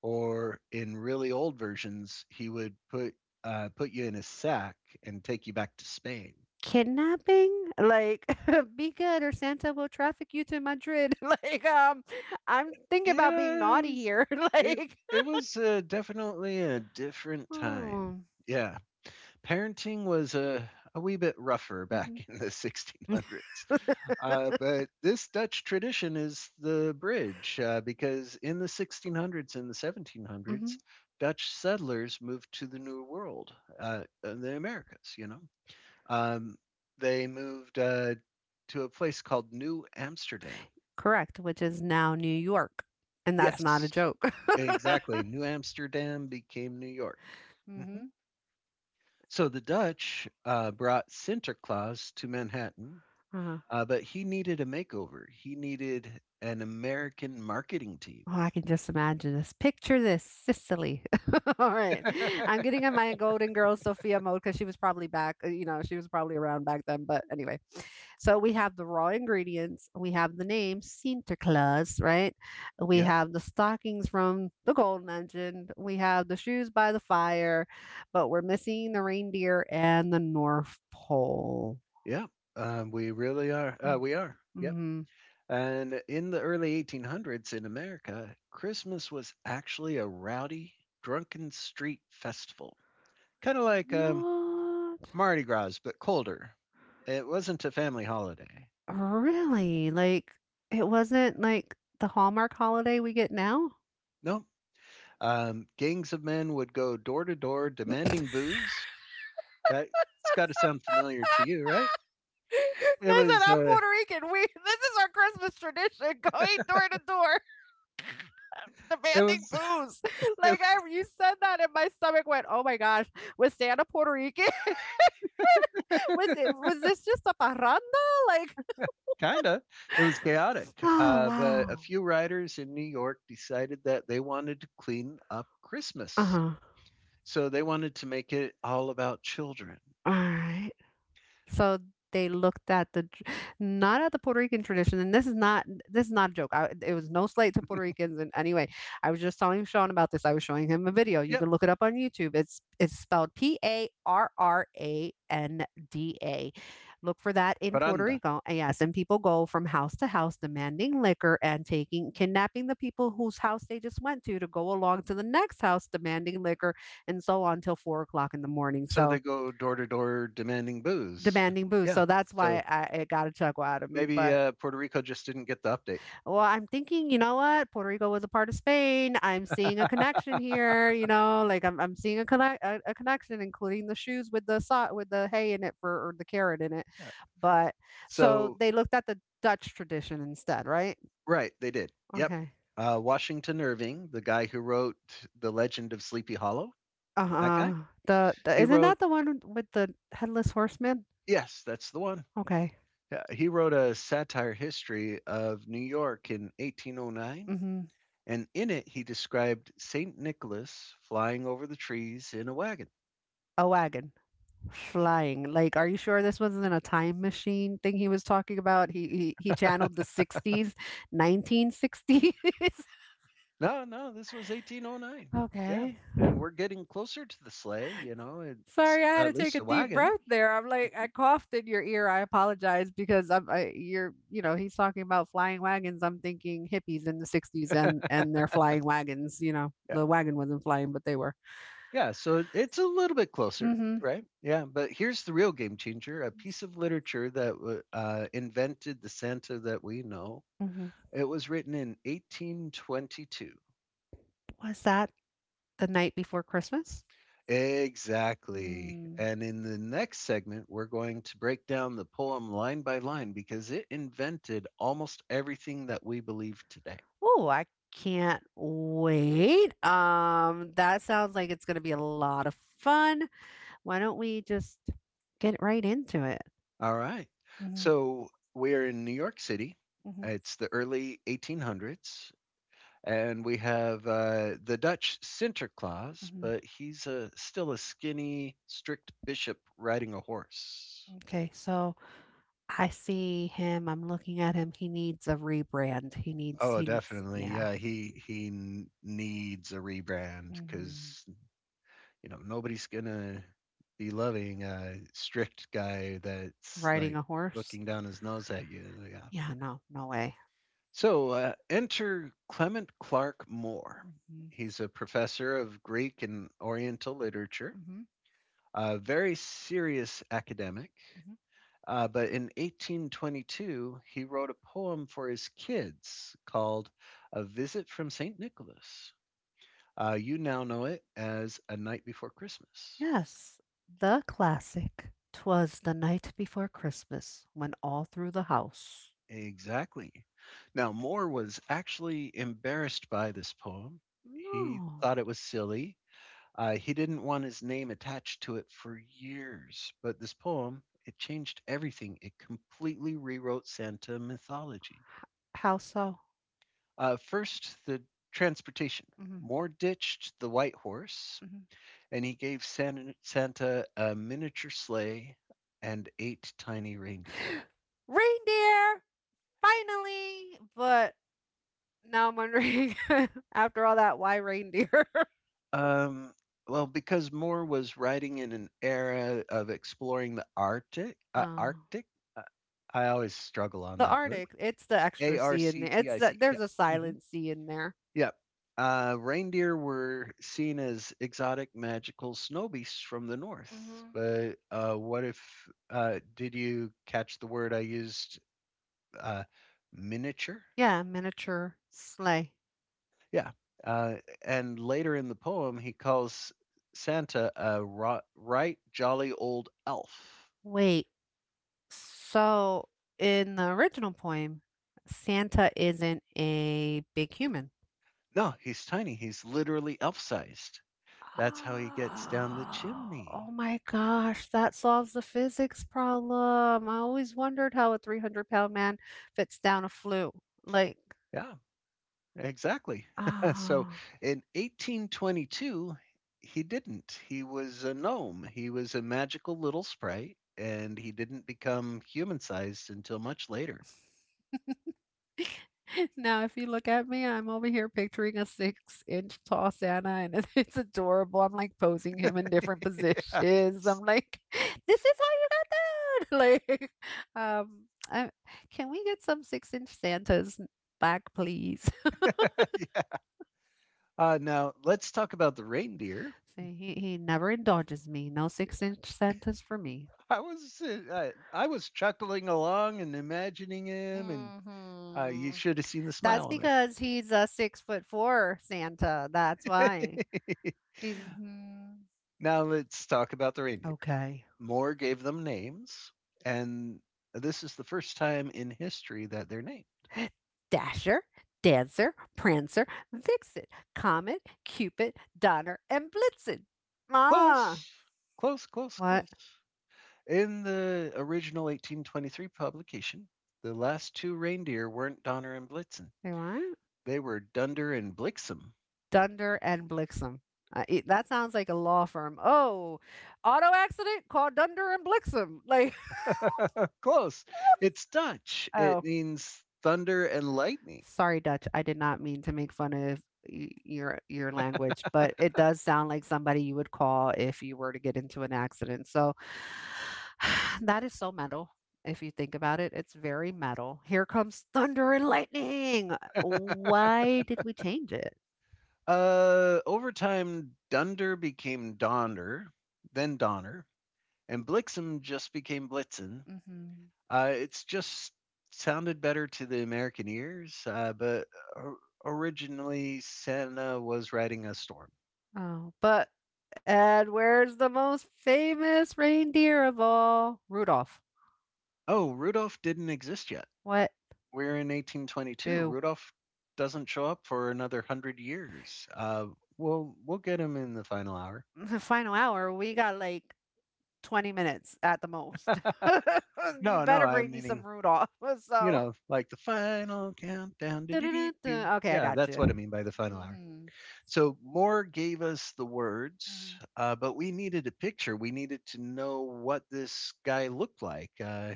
[SPEAKER 2] Or in really old versions, he would put you in a sack and take you back to Spain.
[SPEAKER 1] Kidnapping? Like, <laughs> be good or Santa will traffic you to Madrid. <laughs> like, I'm thinking about being
[SPEAKER 2] Yeah,
[SPEAKER 1] naughty here. <laughs>
[SPEAKER 2] it,
[SPEAKER 1] like,
[SPEAKER 2] it was definitely a different time.
[SPEAKER 1] hmm.
[SPEAKER 2] Yeah, parenting was a wee bit rougher
[SPEAKER 1] Hmm.
[SPEAKER 2] back in the <laughs> 1600s. But this Dutch tradition is the bridge because in the 1600s and the
[SPEAKER 1] Hmm.
[SPEAKER 2] 1700s, Dutch settlers moved to the New World, and the Americas, you know? Um, they moved to a place called New Amsterdam.
[SPEAKER 1] Correct, which is now New York. And that's not a
[SPEAKER 2] Yes,
[SPEAKER 1] joke. <laughs>
[SPEAKER 2] exactly. New Amsterdam became New York. Mhm.
[SPEAKER 1] Mm-hmm.
[SPEAKER 2] So the Dutch brought Sinterklaas to Manhattan, but he needed a makeover. He needed an American marketing team.
[SPEAKER 1] Oh, I can just imagine this. Picture this, Sicily. <laughs> All right. I'm getting in my Golden Girls Sophia mode because she was probably around back then. But anyway, so we have the raw ingredients, we have the name Sinterklaas, right? We
[SPEAKER 2] Yeah,
[SPEAKER 1] have the stockings from the gold legend, we have the shoes by the fire, but we're missing the reindeer and the North Pole.
[SPEAKER 2] yeah, we really are. We are. Yep.
[SPEAKER 1] Mm-hmm.
[SPEAKER 2] And in the early 1800s in America, Christmas was actually a rowdy, drunken street festival. Kinda like,
[SPEAKER 1] What?
[SPEAKER 2] Mardi Gras, but colder. It wasn't a family holiday.
[SPEAKER 1] Really? Like, it wasn't, like, the Hallmark holiday we get now?
[SPEAKER 2] Nope. Gangs of men would go door to door demanding booze. That's gotta sound
[SPEAKER 1] <laughs>
[SPEAKER 2] familiar to you, right? It
[SPEAKER 1] Listen,
[SPEAKER 2] was,
[SPEAKER 1] I'm
[SPEAKER 2] uh,
[SPEAKER 1] Puerto Rican. We This is our Christmas tradition, <laughs> going door to door, <laughs>
[SPEAKER 2] it
[SPEAKER 1] demanding
[SPEAKER 2] was
[SPEAKER 1] booze. Like,
[SPEAKER 2] <laughs>
[SPEAKER 1] you said that, and my stomach went, "Oh my gosh, was Santa Puerto Rican? <laughs> Was it? Was this just a parranda?" Like
[SPEAKER 2] kinda. It was chaotic,
[SPEAKER 1] oh,
[SPEAKER 2] but a
[SPEAKER 1] wow.
[SPEAKER 2] few writers in New York decided that they wanted to clean up Christmas.
[SPEAKER 1] Uh-huh.
[SPEAKER 2] So they wanted to make it all about children.
[SPEAKER 1] All right. So they looked at the not at the Puerto Rican tradition, and this is not a joke. It was no slight to Puerto Ricans in anyway. I was just telling Sean about this. I was showing him a video. You
[SPEAKER 2] Yep,
[SPEAKER 1] can look it up on YouTube. It's spelled parranda. Look for that in Puerto
[SPEAKER 2] paranda.
[SPEAKER 1] Rico. And yes, and people go from house to house demanding liquor and taking kidnapping the people whose house they just went to go along to the next house demanding liquor and so on till 4 o'clock in the morning.
[SPEAKER 2] So they
[SPEAKER 1] So
[SPEAKER 2] go door to door demanding booze.
[SPEAKER 1] demanding booze.
[SPEAKER 2] Yeah.
[SPEAKER 1] So that's
[SPEAKER 2] So
[SPEAKER 1] why it got a chuckle out of me.
[SPEAKER 2] Maybe
[SPEAKER 1] But
[SPEAKER 2] Puerto Rico just didn't get the update.
[SPEAKER 1] well, I'm thinking, you know what? Puerto Rico was a part of Spain. I'm seeing a connection here. Like I'm seeing a a connection, including the shoes with the with the hay in it for or the carrot in it.
[SPEAKER 2] Uh,
[SPEAKER 1] But so
[SPEAKER 2] So,
[SPEAKER 1] they looked at the Dutch tradition instead, right?
[SPEAKER 2] right, they did. Yep.
[SPEAKER 1] Okay.
[SPEAKER 2] Washington Irving, the guy who wrote The Legend of Sleepy Hollow, that guy,
[SPEAKER 1] Uh-uh. The
[SPEAKER 2] he
[SPEAKER 1] Isn't
[SPEAKER 2] wrote,
[SPEAKER 1] that the one with the headless horseman?
[SPEAKER 2] yes, that's the one.
[SPEAKER 1] Okay.
[SPEAKER 2] Yeah, he wrote a satire history of New York in 1809.
[SPEAKER 1] Mm-hmm.
[SPEAKER 2] And in it, he described St. Nicholas flying over the trees in a wagon.
[SPEAKER 1] A wagon. Flying. Like, are you sure this wasn't a time machine thing he was talking about? He channeled the 60s, 1960s. <laughs>
[SPEAKER 2] No, no, this was 1809. Yeah.
[SPEAKER 1] Okay.
[SPEAKER 2] And we're getting closer to the sleigh, you know, it's
[SPEAKER 1] Sorry, I had
[SPEAKER 2] at
[SPEAKER 1] to take
[SPEAKER 2] least
[SPEAKER 1] a
[SPEAKER 2] a
[SPEAKER 1] deep
[SPEAKER 2] wagon.
[SPEAKER 1] breath there. I'm like,
[SPEAKER 2] Yeah.
[SPEAKER 1] I coughed in your ear. I apologize because I'm, I, you're, you know, he's talking about flying wagons. I'm thinking hippies in the 60s and they're flying wagons. The wagon wasn't flying, but they were.
[SPEAKER 2] Yeah, so it's a little bit closer,
[SPEAKER 1] Mm-hmm.
[SPEAKER 2] right? Yeah, but here's the real game changer, a piece of literature that invented the Santa that we know.
[SPEAKER 1] Hmm.
[SPEAKER 2] It was written in 1822.
[SPEAKER 1] Was that the night before Christmas?
[SPEAKER 2] Exactly.
[SPEAKER 1] Hmm.
[SPEAKER 2] And in the next segment, we're going to break down the poem line by line because it invented almost everything that we believe today.
[SPEAKER 1] Oh, I can't wait. That sounds like it's going to be a lot of fun. Why don't we just get right into it?
[SPEAKER 2] All right.
[SPEAKER 1] Hmm.
[SPEAKER 2] So we're in New York City.
[SPEAKER 1] Hmm.
[SPEAKER 2] It's the early 1800s. And we have the Dutch Sinterklaas,
[SPEAKER 1] Hmm.
[SPEAKER 2] but he's a, still a skinny, strict bishop riding a horse.
[SPEAKER 1] Okay, so I see him. I'm looking at him. He needs a rebrand. He needs,
[SPEAKER 2] Oh,
[SPEAKER 1] he needs,
[SPEAKER 2] definitely.
[SPEAKER 1] yeah.
[SPEAKER 2] Yeah, needs a rebrand
[SPEAKER 1] Hmm.
[SPEAKER 2] because you know nobody's gonna be loving a strict guy that's
[SPEAKER 1] Riding
[SPEAKER 2] like
[SPEAKER 1] a horse?
[SPEAKER 2] looking down his nose at you. Yeah.
[SPEAKER 1] Yeah, no, no way.
[SPEAKER 2] So enter Clement Clark Moore.
[SPEAKER 1] Hmm.
[SPEAKER 2] He's a professor of Greek and Oriental literature,
[SPEAKER 1] Hmm.
[SPEAKER 2] a very serious academic.
[SPEAKER 1] Hmm.
[SPEAKER 2] But in 1822, he wrote a poem for his kids called A Visit from St. Nicholas. You now know it as A Night Before Christmas.
[SPEAKER 1] Yes, the classic. 'Twas the night before Christmas when all through the house.
[SPEAKER 2] Exactly. Now, Moore was actually embarrassed by this poem. He
[SPEAKER 1] No.
[SPEAKER 2] thought it was silly. He didn't want his name attached to it for years, but this poem, it changed everything. It completely rewrote Santa mythology.
[SPEAKER 1] How so?
[SPEAKER 2] First, the transportation.
[SPEAKER 1] Hmm.
[SPEAKER 2] Moore ditched the white horse,
[SPEAKER 1] Hmm.
[SPEAKER 2] and he gave Santa a miniature sleigh and eight tiny reindeer.
[SPEAKER 1] <gasps> Reindeer, finally. But now I'm wondering, <laughs> after all that, why reindeer? <laughs>
[SPEAKER 2] Um, well, because Moore was riding in an era of exploring the
[SPEAKER 1] Oh.
[SPEAKER 2] Arctic. Uh, I always struggle on
[SPEAKER 1] The
[SPEAKER 2] that word.
[SPEAKER 1] Arctic. It's the
[SPEAKER 2] A
[SPEAKER 1] extra
[SPEAKER 2] R
[SPEAKER 1] C in
[SPEAKER 2] C
[SPEAKER 1] there.
[SPEAKER 2] T I C. Yeah.
[SPEAKER 1] There's a
[SPEAKER 2] Mm-hmm.
[SPEAKER 1] silent C in there.
[SPEAKER 2] Yep. Reindeer were seen as exotic, magical snow beasts from the north.
[SPEAKER 1] Hmm.
[SPEAKER 2] But what if? Did you catch the word I used? Uh, Miniature.
[SPEAKER 1] Yeah, miniature sleigh.
[SPEAKER 2] Yeah. Uh, and later in the poem, he calls Santa a right jolly old elf.
[SPEAKER 1] Wait, so in the original poem, Santa isn't a big human.
[SPEAKER 2] No, he's tiny. He's literally elf-sized. That's how he gets down the
[SPEAKER 1] Oh,
[SPEAKER 2] chimney.
[SPEAKER 1] oh my gosh, that solves the physics problem. I always wondered how a 300-pound man fits down a flue. Like,
[SPEAKER 2] Yeah. Exactly. <laughs> So
[SPEAKER 1] oh.
[SPEAKER 2] in 1822, he didn't. He was a gnome. He was a magical little sprite, and he didn't become human sized until much later.
[SPEAKER 1] <laughs> Now, if you look at me, I'm over here picturing a 6-inch tall Santa, and <laughs> it's adorable. I'm like posing him in different
[SPEAKER 2] <laughs>
[SPEAKER 1] positions. I'm like, <laughs> this is how you got down. <laughs> Like, um, I, can we get some 6-inch Santas back, please?
[SPEAKER 2] Yes. Now let's talk about the reindeer.
[SPEAKER 1] See, he never indulges me. No 6-inch sentence for me.
[SPEAKER 2] I was chuckling along and imagining him, and you
[SPEAKER 1] Hmm.
[SPEAKER 2] should have seen the
[SPEAKER 1] That's
[SPEAKER 2] smile on
[SPEAKER 1] because he's a 6 foot four Santa. That's
[SPEAKER 2] my
[SPEAKER 1] why.
[SPEAKER 2] face.
[SPEAKER 1] He's
[SPEAKER 2] <laughs> Now let's talk about the reindeer.
[SPEAKER 1] okay.
[SPEAKER 2] Moore gave them names, and this is the first time in history that they're named.
[SPEAKER 1] <gasps> Dasher, Dancer, Prancer, Vixen, Comet, Cupid, Donner, and Blitzen. Ah,
[SPEAKER 2] Close, close, close,
[SPEAKER 1] what
[SPEAKER 2] close. In the original 1823 publication, the last two reindeer weren't Donner and Blitzen.
[SPEAKER 1] they weren't?
[SPEAKER 2] They were Dunder and Blixem.
[SPEAKER 1] Dunder and Blixen. That sounds like a law firm. Oh, auto accident? Call Dunder and Blixen. Like,
[SPEAKER 2] <laughs> Close. It's Dutch. It
[SPEAKER 1] <laughs> oh.
[SPEAKER 2] means thunder and lightning.
[SPEAKER 1] Sorry, Dutch. I did not mean to make fun of your language, but it does sound like somebody you would call if you were to get into an accident. So <sighs> that is so metal. If you think about it, it's very metal. Here comes thunder and lightning. Why did we change it?
[SPEAKER 2] Over time, Dunder became Donder, then Donner, and Blixem just became Blitzen.
[SPEAKER 1] Hmm.
[SPEAKER 2] It's just sounded better to the American ears, but or- originally Santa was riding a storm.
[SPEAKER 1] Oh, but and where's the most famous reindeer of all? Rudolph.
[SPEAKER 2] Oh, Rudolph didn't exist yet.
[SPEAKER 1] What?
[SPEAKER 2] We're in 1822.
[SPEAKER 1] Boo.
[SPEAKER 2] Rudolph doesn't show up for another 100 years. We'll get him in the final hour.
[SPEAKER 1] <laughs> Final hour. We got like 20 minutes at the most. <laughs> You
[SPEAKER 2] No, no,
[SPEAKER 1] better
[SPEAKER 2] I'm
[SPEAKER 1] bring me some
[SPEAKER 2] meaning
[SPEAKER 1] Rudolph. <laughs>
[SPEAKER 2] you
[SPEAKER 1] So,
[SPEAKER 2] know like the final countdown. Do do
[SPEAKER 1] dun-dun-dun-dun.
[SPEAKER 2] do.
[SPEAKER 1] Okay, I
[SPEAKER 2] Yeah,
[SPEAKER 1] got
[SPEAKER 2] that's
[SPEAKER 1] you.
[SPEAKER 2] what I mean by the final hour.
[SPEAKER 1] Mm-hmm.
[SPEAKER 2] So Moore gave us the
[SPEAKER 1] Hmm.
[SPEAKER 2] words, but we needed a picture. We needed to know what this guy looked like.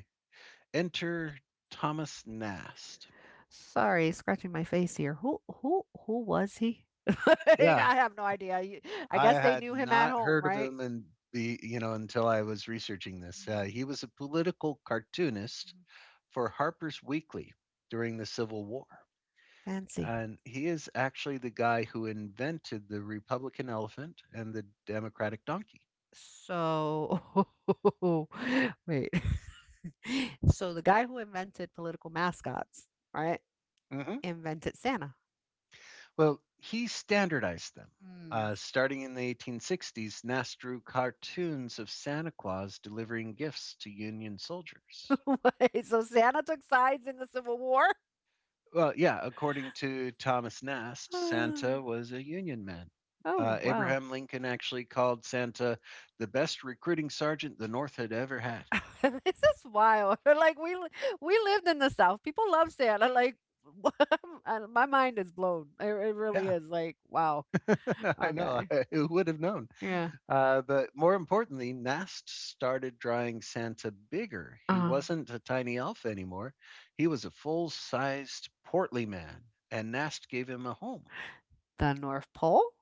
[SPEAKER 2] Enter Thomas Nast.
[SPEAKER 1] Sorry, scratching my face here. Who was he? <laughs> Like,
[SPEAKER 2] Yeah,
[SPEAKER 1] I have no idea. I
[SPEAKER 2] I
[SPEAKER 1] guess they
[SPEAKER 2] had
[SPEAKER 1] knew him at
[SPEAKER 2] not
[SPEAKER 1] home,
[SPEAKER 2] heard of
[SPEAKER 1] right?
[SPEAKER 2] him, and the you know until I was researching this.
[SPEAKER 1] Hmm.
[SPEAKER 2] He was a political cartoonist
[SPEAKER 1] Hmm.
[SPEAKER 2] for Harper's Weekly during the Civil War,
[SPEAKER 1] Fancy.
[SPEAKER 2] and he is actually the guy who invented the Republican elephant and the Democratic donkey.
[SPEAKER 1] So, <laughs> wait. <laughs> So the guy who invented political mascots, right,
[SPEAKER 2] Mhm.
[SPEAKER 1] invented Santa.
[SPEAKER 2] Well, he standardized them.
[SPEAKER 1] <laughs> Mm.
[SPEAKER 2] Starting in the 1860s, Nast drew cartoons of Santa Claus delivering gifts to Union soldiers.
[SPEAKER 1] Wait, so Santa took sides in the Civil War?
[SPEAKER 2] Well, yeah, according to Thomas Nast, Santa
[SPEAKER 1] <gasps>
[SPEAKER 2] was a Union man.
[SPEAKER 1] Oh, wow.
[SPEAKER 2] Abraham Lincoln actually called Santa the best recruiting sergeant the North had ever had.
[SPEAKER 1] <laughs> This is wild. <laughs> Like we lived in the South. People love Santa. Like <laughs> and my mind is blown. It really
[SPEAKER 2] Yeah,
[SPEAKER 1] is. Like wow.
[SPEAKER 2] <laughs> I know.
[SPEAKER 1] Okay.
[SPEAKER 2] <laughs> Who would have known?
[SPEAKER 1] Yeah.
[SPEAKER 2] But more importantly, Nast started drawing Santa bigger. He
[SPEAKER 1] Uh,
[SPEAKER 2] wasn't a tiny elf anymore. He was a full sized, portly man, and Nast gave him a home.
[SPEAKER 1] the North Pole.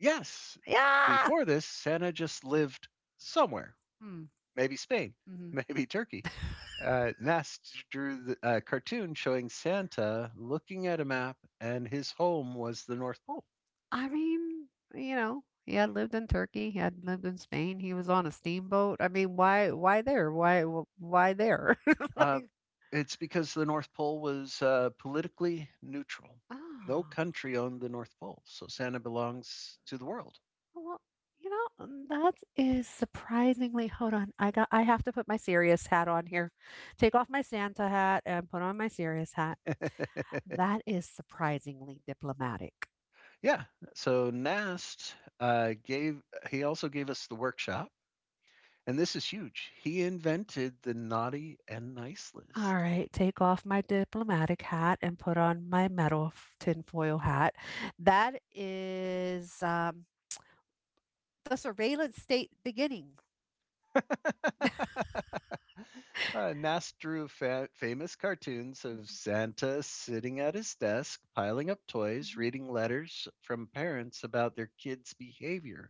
[SPEAKER 2] Yes,
[SPEAKER 1] Yeah.
[SPEAKER 2] before this, Santa just lived somewhere,
[SPEAKER 1] Hmm.
[SPEAKER 2] maybe Spain, <laughs>
[SPEAKER 1] Hmm.
[SPEAKER 2] maybe Turkey. Nast drew a cartoon showing Santa looking at a map, and his home was the North Pole.
[SPEAKER 1] I mean, he had lived in Turkey. He had lived in Spain. He was on a steamboat. I mean, why there? Why why there? <laughs>
[SPEAKER 2] Uh,
[SPEAKER 1] like
[SPEAKER 2] it's because the North Pole was politically neutral. No
[SPEAKER 1] oh.
[SPEAKER 2] country owned the North Pole, so Santa belongs to the world.
[SPEAKER 1] Well, that is surprisingly. Hold on. I have to put my serious hat on here. Take off my Santa hat and put on my serious hat.
[SPEAKER 2] <laughs>
[SPEAKER 1] That is surprisingly diplomatic.
[SPEAKER 2] Yeah. So Nast gave. He also gave us the workshop, and this is huge. He invented the naughty and nice
[SPEAKER 1] All
[SPEAKER 2] list.
[SPEAKER 1] right, take off my diplomatic hat and put on my metal tinfoil hat. That is the surveillance state beginning.
[SPEAKER 2] Nast drew famous cartoons of Santa sitting at his desk, piling up toys,
[SPEAKER 1] Mhm.
[SPEAKER 2] reading letters from parents about their kids' behavior.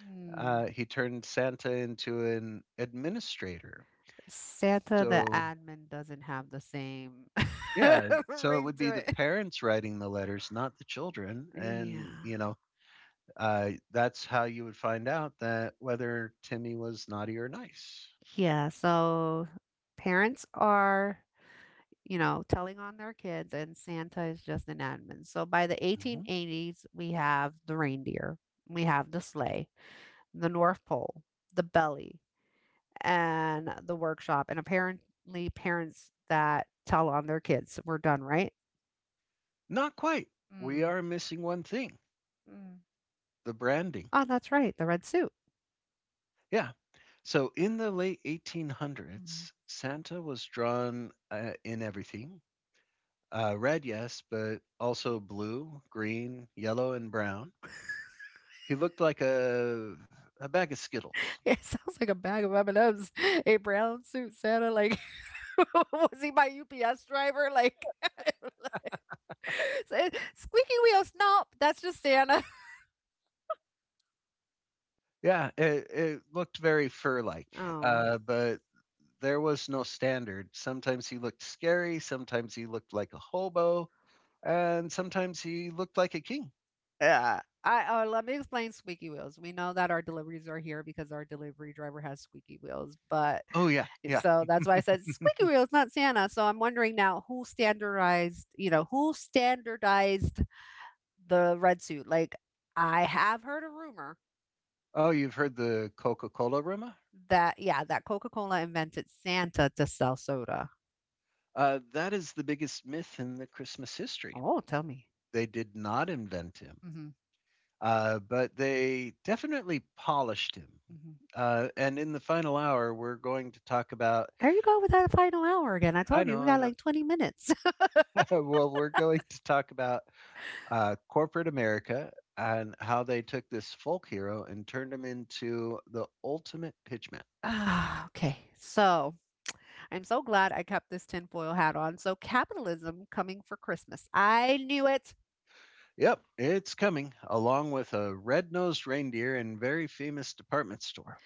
[SPEAKER 1] Hmm.
[SPEAKER 2] He turned Santa into an administrator.
[SPEAKER 1] <laughs> Santa the
[SPEAKER 2] So,
[SPEAKER 1] admin doesn't have the same <laughs>
[SPEAKER 2] yeah, so it
[SPEAKER 1] ring
[SPEAKER 2] would be
[SPEAKER 1] to
[SPEAKER 2] the
[SPEAKER 1] it.
[SPEAKER 2] parents writing the letters, not the children.
[SPEAKER 1] Yeah.
[SPEAKER 2] And that's how you would find out that whether Timmy was naughty or nice.
[SPEAKER 1] Yeah, so parents are, telling on their kids, and Santa is just an admin. So by the
[SPEAKER 2] Mhm.
[SPEAKER 1] 1880s, we have the reindeer, we have the sleigh, the North Pole, the belly, and the workshop. And apparently, parents that tell on their kids, we're done, right?
[SPEAKER 2] Not quite. We
[SPEAKER 1] Mm,
[SPEAKER 2] are missing one thing,
[SPEAKER 1] mm,
[SPEAKER 2] the branding.
[SPEAKER 1] oh, that's right, the red suit.
[SPEAKER 2] Yeah. So, in the late
[SPEAKER 1] Mm.
[SPEAKER 2] 1800s, Santa was drawn in everything red, yes, but also blue, green, yellow, and brown. He looked like a bag of Skittles.
[SPEAKER 1] <laughs> It sounds like a bag of M&Ms. A brown suit Santa, like, <laughs> was he my UPS driver? Like, <laughs> <laughs> So, squeaky wheels, nope, that's just Santa. <laughs>
[SPEAKER 2] Yeah, it looked very fur-like,
[SPEAKER 1] Oh.
[SPEAKER 2] but there was no standard. Sometimes he looked scary, sometimes he looked like a hobo, and sometimes he looked like a king.
[SPEAKER 1] Yeah. I Oh, let me explain squeaky wheels. We know that our deliveries are here because our delivery driver has squeaky wheels, but
[SPEAKER 2] Oh yeah, yeah.
[SPEAKER 1] so that's why I said squeaky wheels, not Santa. So I'm wondering now who standardized the red suit? Like I have heard a rumor
[SPEAKER 2] Oh, you've heard the Coca-Cola rumor?
[SPEAKER 1] that, yeah, that Coca-Cola invented Santa to sell soda.
[SPEAKER 2] That is the biggest myth in the Christmas history.
[SPEAKER 1] Oh, tell me.
[SPEAKER 2] They did not invent him,
[SPEAKER 1] Hmm.
[SPEAKER 2] but they definitely polished him.
[SPEAKER 1] Hmm.
[SPEAKER 2] And in the final hour, we're going to talk about
[SPEAKER 1] There you go with that final hour again. I
[SPEAKER 2] I
[SPEAKER 1] told you we
[SPEAKER 2] know, I
[SPEAKER 1] got
[SPEAKER 2] know.
[SPEAKER 1] like 20 minutes.
[SPEAKER 2] <laughs> Well, we're going to talk about corporate America and how they took this folk hero and turned him into the ultimate pitchman.
[SPEAKER 1] Ah, okay. So I'm so glad I kept this tinfoil hat on. So capitalism coming for Christmas. I knew it.
[SPEAKER 2] Yep, it's coming along with a red-nosed reindeer and very famous department store.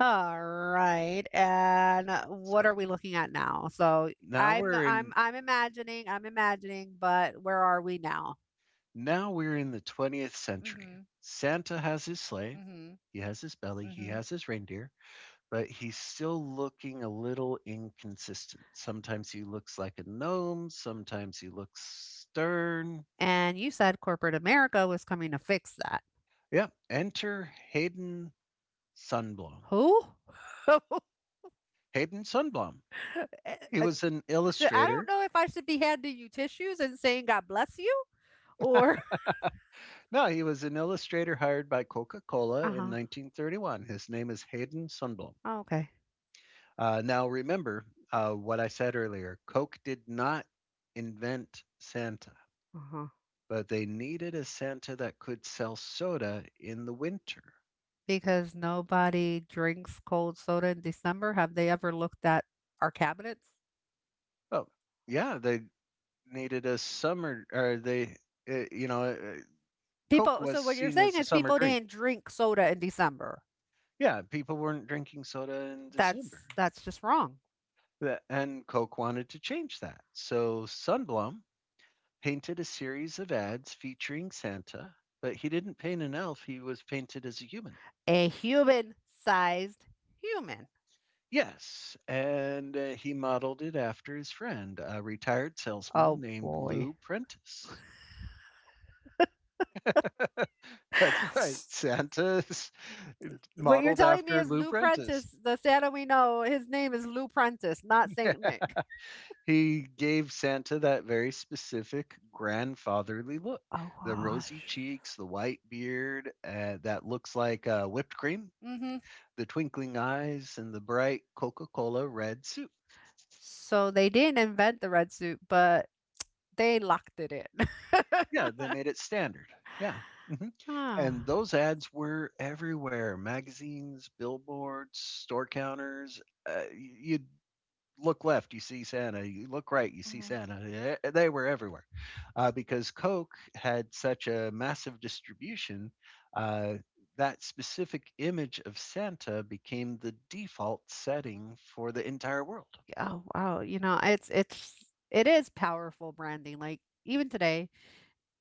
[SPEAKER 1] All right. And what
[SPEAKER 2] So
[SPEAKER 1] are we looking at now? So
[SPEAKER 2] now
[SPEAKER 1] I'm
[SPEAKER 2] we're
[SPEAKER 1] I'm
[SPEAKER 2] in
[SPEAKER 1] I'm imagining, but where are we now?
[SPEAKER 2] now we're in the 20th century.
[SPEAKER 1] Mm-hmm.
[SPEAKER 2] Santa has his sleigh,
[SPEAKER 1] Mm-hmm.
[SPEAKER 2] he has his belly, he
[SPEAKER 1] Mm-hmm.
[SPEAKER 2] has his reindeer, but he's still looking a little inconsistent. Sometimes he looks like a gnome, sometimes he looks stern.
[SPEAKER 1] And you said corporate America was coming to fix that.
[SPEAKER 2] Yep, enter Hayden Sunblom.
[SPEAKER 1] Who? <laughs>
[SPEAKER 2] Hayden Sunblom.
[SPEAKER 1] Eh,
[SPEAKER 2] He
[SPEAKER 1] eh,
[SPEAKER 2] was an
[SPEAKER 1] I don't
[SPEAKER 2] illustrator.
[SPEAKER 1] know if I should be handing you tissues and saying God bless you or.
[SPEAKER 2] No, he was an illustrator hired by Coca
[SPEAKER 1] <laughs>
[SPEAKER 2] Cola
[SPEAKER 1] Uh
[SPEAKER 2] in
[SPEAKER 1] huh.
[SPEAKER 2] 1931. His name is Hayden Sunblom.
[SPEAKER 1] Okay.
[SPEAKER 2] Now, remember what I said earlier, Coke did not invent Santa,
[SPEAKER 1] Uh-huh.
[SPEAKER 2] but they needed a Santa that could sell soda in the winter.
[SPEAKER 1] Because nobody drinks cold soda in December. Have they ever looked at our cabinets?
[SPEAKER 2] Oh, yeah, they needed a summer or they uh, you know, uh, Coke was
[SPEAKER 1] So what you're
[SPEAKER 2] seen
[SPEAKER 1] saying
[SPEAKER 2] as a
[SPEAKER 1] is
[SPEAKER 2] summer
[SPEAKER 1] people
[SPEAKER 2] drink.
[SPEAKER 1] didn't drink soda in December.
[SPEAKER 2] Yeah, people weren't drinking soda in December.
[SPEAKER 1] That's just wrong.
[SPEAKER 2] And Coke wanted to change that. So Sunblum painted a series of ads featuring Santa, but he didn't paint an elf, he was painted as a human.
[SPEAKER 1] A human-sized human.
[SPEAKER 2] Yes, and he modeled it after his friend, a retired salesman
[SPEAKER 1] Oh
[SPEAKER 2] named
[SPEAKER 1] boy.
[SPEAKER 2] Lou Prentice. <laughs> That's right.
[SPEAKER 1] <sighs>
[SPEAKER 2] Santa <laughs>
[SPEAKER 1] What you're
[SPEAKER 2] modeled
[SPEAKER 1] telling me
[SPEAKER 2] after
[SPEAKER 1] is
[SPEAKER 2] Lou
[SPEAKER 1] Lou
[SPEAKER 2] Prentice.
[SPEAKER 1] Prentice, the Santa we know, his name is Lou Prentice, not Saint
[SPEAKER 2] <laughs>
[SPEAKER 1] Nick.
[SPEAKER 2] He gave Santa that very specific grandfatherly look,
[SPEAKER 1] Oh
[SPEAKER 2] the rosy
[SPEAKER 1] gosh.
[SPEAKER 2] cheeks, the white beard that looks like whipped cream,
[SPEAKER 1] Hmm.
[SPEAKER 2] the twinkling eyes, and the bright Coca Cola red suit.
[SPEAKER 1] So they didn't invent the red suit, but they locked it in.
[SPEAKER 2] Yeah, they made it standard. Yeah. Hmm.
[SPEAKER 1] <laughs>
[SPEAKER 2] And
[SPEAKER 1] Ah.
[SPEAKER 2] those ads were everywhere, magazines, billboards, store counters. You'd look left, you see Santa. You look right, you see
[SPEAKER 1] Mhm.
[SPEAKER 2] Santa. They were everywhere because Coke had such a massive distribution. Uh, that specific image of Santa became the default setting for the entire world.
[SPEAKER 1] Oh wow, it is powerful branding. Like even today,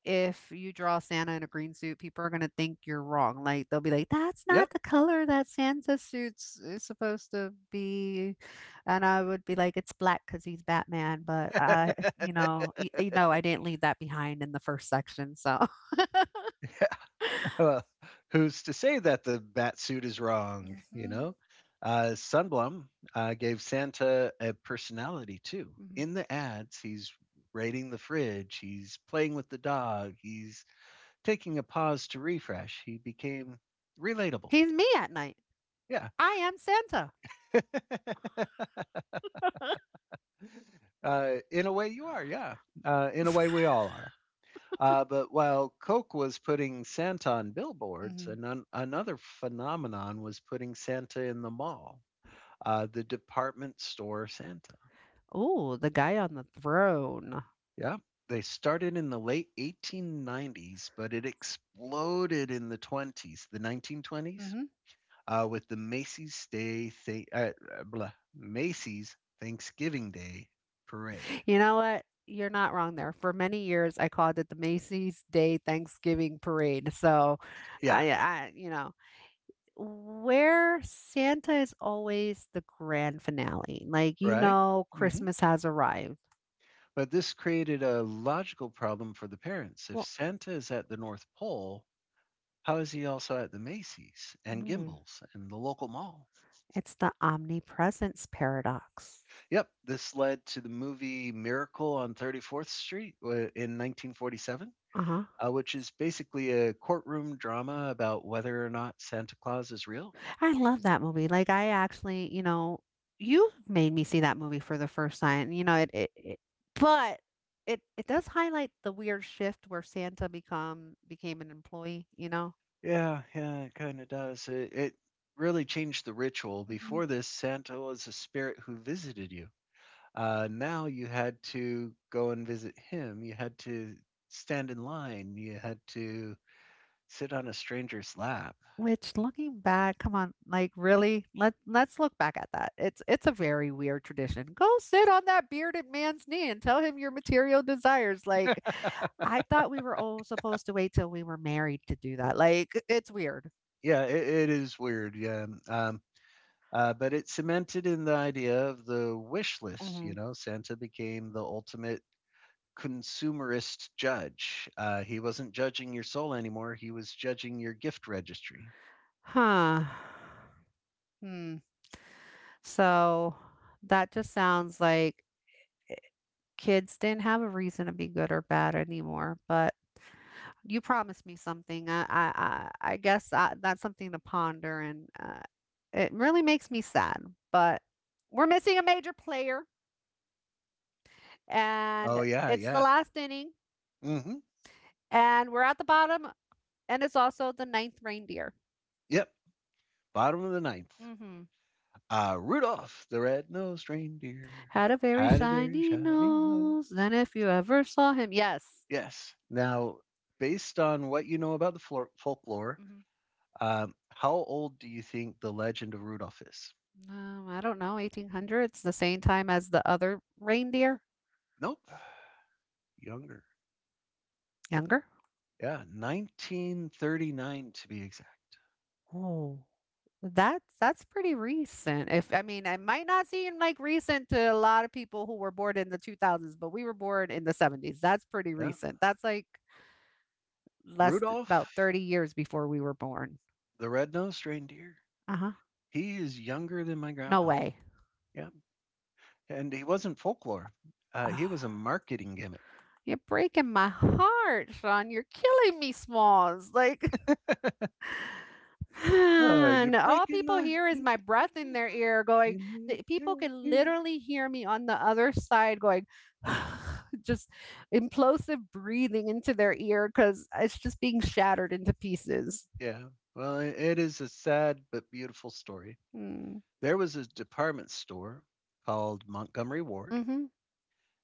[SPEAKER 1] if you draw Santa in a green suit, people are gonna think you're wrong. Like they'll be like, "That's
[SPEAKER 2] Yep.
[SPEAKER 1] not the color that Santa suits is supposed to be," and I would be like, "It's black because he's Batman." But
[SPEAKER 2] <laughs>
[SPEAKER 1] <laughs> you know, y- you know, I didn't leave that behind in the first section, so <laughs>
[SPEAKER 2] Uh, who's to say that the bat suit is wrong? You
[SPEAKER 1] Mhm.
[SPEAKER 2] know, Sunblum gave Santa a personality too.
[SPEAKER 1] Mhm.
[SPEAKER 2] In the ads, he's raiding the fridge, he's playing with the dog, he's taking a pause to refresh, he became relatable.
[SPEAKER 1] He's me at night.
[SPEAKER 2] Yeah.
[SPEAKER 1] I am Santa.
[SPEAKER 2] <laughs> In a way, you are. Yeah. In a way, we all are. But while Coke was putting Santa on billboards,
[SPEAKER 1] Mhm.
[SPEAKER 2] another phenomenon was putting Santa in the mall, the department store Santa.
[SPEAKER 1] Oh, <laughs> the guy on the throne.
[SPEAKER 2] Yeah. They started in the late 1890s, but it exploded in the 20s, the 1920s, with the Macy's Day thing, blah, Macy's Thanksgiving Day parade.
[SPEAKER 1] You know what? You're not wrong there. For many years, I called it the Macy's Day Thanksgiving Parade. So, yeah.
[SPEAKER 2] Yeah,
[SPEAKER 1] I where Santa is always the grand finale. Like, you
[SPEAKER 2] right.
[SPEAKER 1] know,
[SPEAKER 2] Hmm.
[SPEAKER 1] Christmas has arrived.
[SPEAKER 2] But this created a logical problem for the parents. If
[SPEAKER 1] Well,
[SPEAKER 2] Santa is at the North Pole, how is he also at the Macy's and
[SPEAKER 1] mm,
[SPEAKER 2] Gimbals and the local mall?
[SPEAKER 1] it's the omnipresence paradox.
[SPEAKER 2] Yep, this led to the movie Miracle on 34th Street in 1947,
[SPEAKER 1] Uh huh.
[SPEAKER 2] which is basically a courtroom drama about whether or not Santa Claus is real.
[SPEAKER 1] I love that movie. Like, I actually, you know, you made me see that movie for the first time. You know, it but it does highlight the weird shift where Santa become became an employee, you know?
[SPEAKER 2] Yeah, yeah, it kind of does. It really changed the ritual.
[SPEAKER 1] Mhm.
[SPEAKER 2] Before this, Santa was a spirit who visited you. Now you had to go and visit him. You had to stand in line. You had to sit on a stranger's lap.
[SPEAKER 1] Which looking back, come on, like really? Let's look back at that. It's a very weird tradition. Go sit on that bearded man's knee and tell him your material desires. Like, I thought we were all supposed to wait till we were married to do that. Like, it's weird.
[SPEAKER 2] Yeah, it is weird. Yeah. But it cemented in the idea of the wish list. You
[SPEAKER 1] Mhm.
[SPEAKER 2] know, Santa became the ultimate consumerist judge. He wasn't judging your soul anymore, he was judging your gift registry.
[SPEAKER 1] Huh. Hmm. So that just sounds like kids didn't have a reason to be good or bad anymore. But you promised me something. I guess that's something to ponder, and it really makes me sad. But we're missing a major player, and
[SPEAKER 2] Oh, yeah,
[SPEAKER 1] it's the
[SPEAKER 2] yeah.
[SPEAKER 1] last inning,
[SPEAKER 2] Mhm.
[SPEAKER 1] and we're at the bottom, and it's also the ninth reindeer.
[SPEAKER 2] Yep, bottom of the ninth.
[SPEAKER 1] Hmm.
[SPEAKER 2] Rudolph the red-nosed reindeer
[SPEAKER 1] Had a very
[SPEAKER 2] had a very
[SPEAKER 1] shiny
[SPEAKER 2] shiny
[SPEAKER 1] nose,
[SPEAKER 2] nose.
[SPEAKER 1] and if you ever saw him, yes.
[SPEAKER 2] Yes. Now, based on what you know about the flor folklore, how old do you think the legend of Rudolph is?
[SPEAKER 1] I don't know, 1800s, the same time as the other reindeer?
[SPEAKER 2] Nope, younger.
[SPEAKER 1] Younger?
[SPEAKER 2] Yeah, 1939 to be exact.
[SPEAKER 1] Oh, that's pretty recent. If I mean, it might not seem like recent to a lot of people who were born in the 2000s, but we were born in the 70s. That's pretty
[SPEAKER 2] Yeah.
[SPEAKER 1] recent. That's like about
[SPEAKER 2] Rudolph
[SPEAKER 1] 30 years before we were born.
[SPEAKER 2] the red-nosed reindeer,
[SPEAKER 1] Uh-huh.
[SPEAKER 2] he is younger than my
[SPEAKER 1] No
[SPEAKER 2] grandpa.
[SPEAKER 1] way.
[SPEAKER 2] Yeah, and he wasn't folklore. He was a
[SPEAKER 1] Ah,
[SPEAKER 2] marketing gimmick.
[SPEAKER 1] you're breaking my heart, Sean. You're killing me, Smalls. Like and all people hear is
[SPEAKER 2] You're
[SPEAKER 1] my breath
[SPEAKER 2] breaking my
[SPEAKER 1] in their
[SPEAKER 2] heart,
[SPEAKER 1] ear going
[SPEAKER 2] and
[SPEAKER 1] the
[SPEAKER 2] it
[SPEAKER 1] people
[SPEAKER 2] kills
[SPEAKER 1] can
[SPEAKER 2] me.
[SPEAKER 1] literally hear me on the other side going <sighs> just implosive breathing into their ear because it's just being shattered into pieces.
[SPEAKER 2] Yeah, well, it is a sad but beautiful story.
[SPEAKER 1] Mm.
[SPEAKER 2] There was a department store called Montgomery Ward,
[SPEAKER 1] Mm-hmm.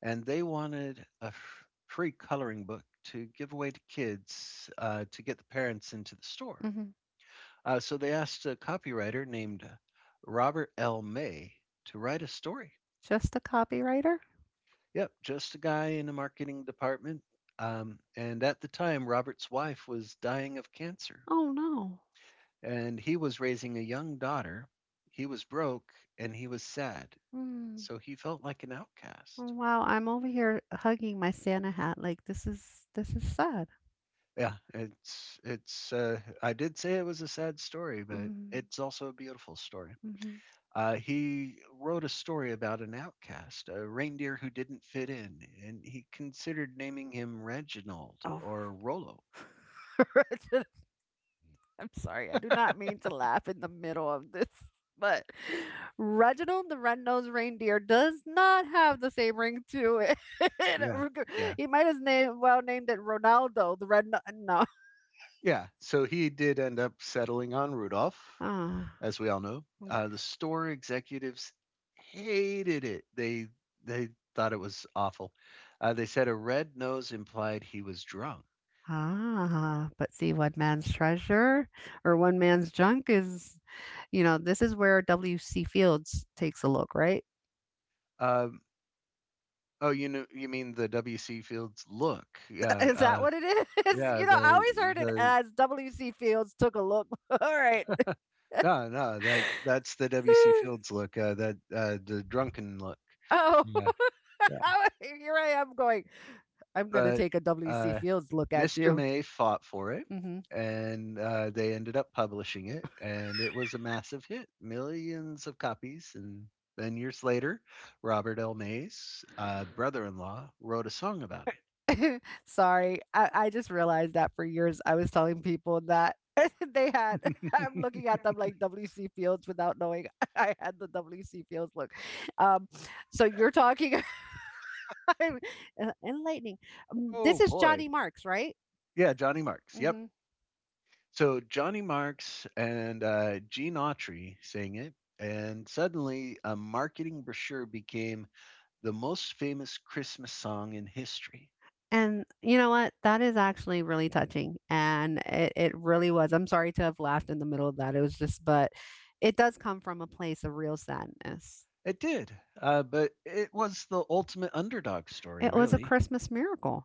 [SPEAKER 2] and they wanted a free coloring book to give away to kids to get the parents into the store.
[SPEAKER 1] Mm-hmm.
[SPEAKER 2] So they asked a copywriter named Robert L. May to write a story.
[SPEAKER 1] Just a copywriter?
[SPEAKER 2] Yep, just a guy in a marketing department. And at the time, Robert's wife was dying of cancer,
[SPEAKER 1] Oh no.
[SPEAKER 2] and he was raising a young daughter. He was broke and he was sad,
[SPEAKER 1] Mm.
[SPEAKER 2] so he felt like an
[SPEAKER 1] Oh,
[SPEAKER 2] outcast.
[SPEAKER 1] wow, I'm over here hugging my Santa hat. Like this is sad.
[SPEAKER 2] Yeah, it's it's. I did say it was a sad story, but
[SPEAKER 1] Mm-hmm.
[SPEAKER 2] it's also a beautiful story.
[SPEAKER 1] Mm-hmm.
[SPEAKER 2] He wrote a story about an outcast, a reindeer who didn't fit in, and he considered naming him Reginald
[SPEAKER 1] Oh.
[SPEAKER 2] or Rollo.
[SPEAKER 1] <laughs> I'm sorry, I do not mean to laugh in the middle of this, <laughs> but Reginald the Red-Nosed Reindeer does not have the same ring to it.
[SPEAKER 2] Yeah,
[SPEAKER 1] <laughs>
[SPEAKER 2] yeah
[SPEAKER 1] He might have name well named it Ronaldo the Red. No.
[SPEAKER 2] Yeah, so he did end up settling on Rudolph,
[SPEAKER 1] Ah.
[SPEAKER 2] as we all know.
[SPEAKER 1] Okay.
[SPEAKER 2] The store executives hated it. They thought it was awful. They said a red nose implied he was drunk.
[SPEAKER 1] Ah, but see, one man's treasure or one man's junk is, you know, this is where W.C. Fields takes a look, right?
[SPEAKER 2] Um, oh, you know, you mean the W.C. Fields look?
[SPEAKER 1] <laughs>
[SPEAKER 2] Yeah,
[SPEAKER 1] Is that what it is? <laughs>
[SPEAKER 2] yeah.
[SPEAKER 1] You know, I
[SPEAKER 2] The
[SPEAKER 1] always heard it
[SPEAKER 2] the
[SPEAKER 1] as W.C. Fields took a look. <laughs> All right.
[SPEAKER 2] <laughs> no, no. That that's the W.C.
[SPEAKER 1] <sighs>
[SPEAKER 2] Fields look. That the drunken look.
[SPEAKER 1] Oh,
[SPEAKER 2] Yeah,
[SPEAKER 1] <laughs>
[SPEAKER 2] yeah.
[SPEAKER 1] here I am going. I'm gonna
[SPEAKER 2] But
[SPEAKER 1] take a W. C.
[SPEAKER 2] uh,
[SPEAKER 1] Fields look at
[SPEAKER 2] Mr.
[SPEAKER 1] you.
[SPEAKER 2] May fought for it,
[SPEAKER 1] Hmm.
[SPEAKER 2] and they ended up publishing it, and it was a massive hit, millions of copies. And then years later, Robert L. May's brother-in-law wrote a song about it.
[SPEAKER 1] <laughs> Sorry, I just realized that for years I was telling people that <laughs> they had. <laughs> I'm looking at them like W.C. Fields without knowing <laughs> I had the W.C. Fields look. Um, so you're talking <laughs> I'm enlightening. This
[SPEAKER 2] Oh
[SPEAKER 1] is
[SPEAKER 2] boy,
[SPEAKER 1] Johnny Marks, right?
[SPEAKER 2] yeah, Johnny Marks. Yep. So Johnny Marks and Gene Autry sang it. And suddenly, a marketing brochure became the most famous Christmas song in history.
[SPEAKER 1] And you know what? That is actually really touching, and it really was. I'm sorry to have laughed in the middle of that. It was just but it does come from a place of real sadness.
[SPEAKER 2] It did, but it was the ultimate underdog story,
[SPEAKER 1] It was a
[SPEAKER 2] really.
[SPEAKER 1] Christmas miracle.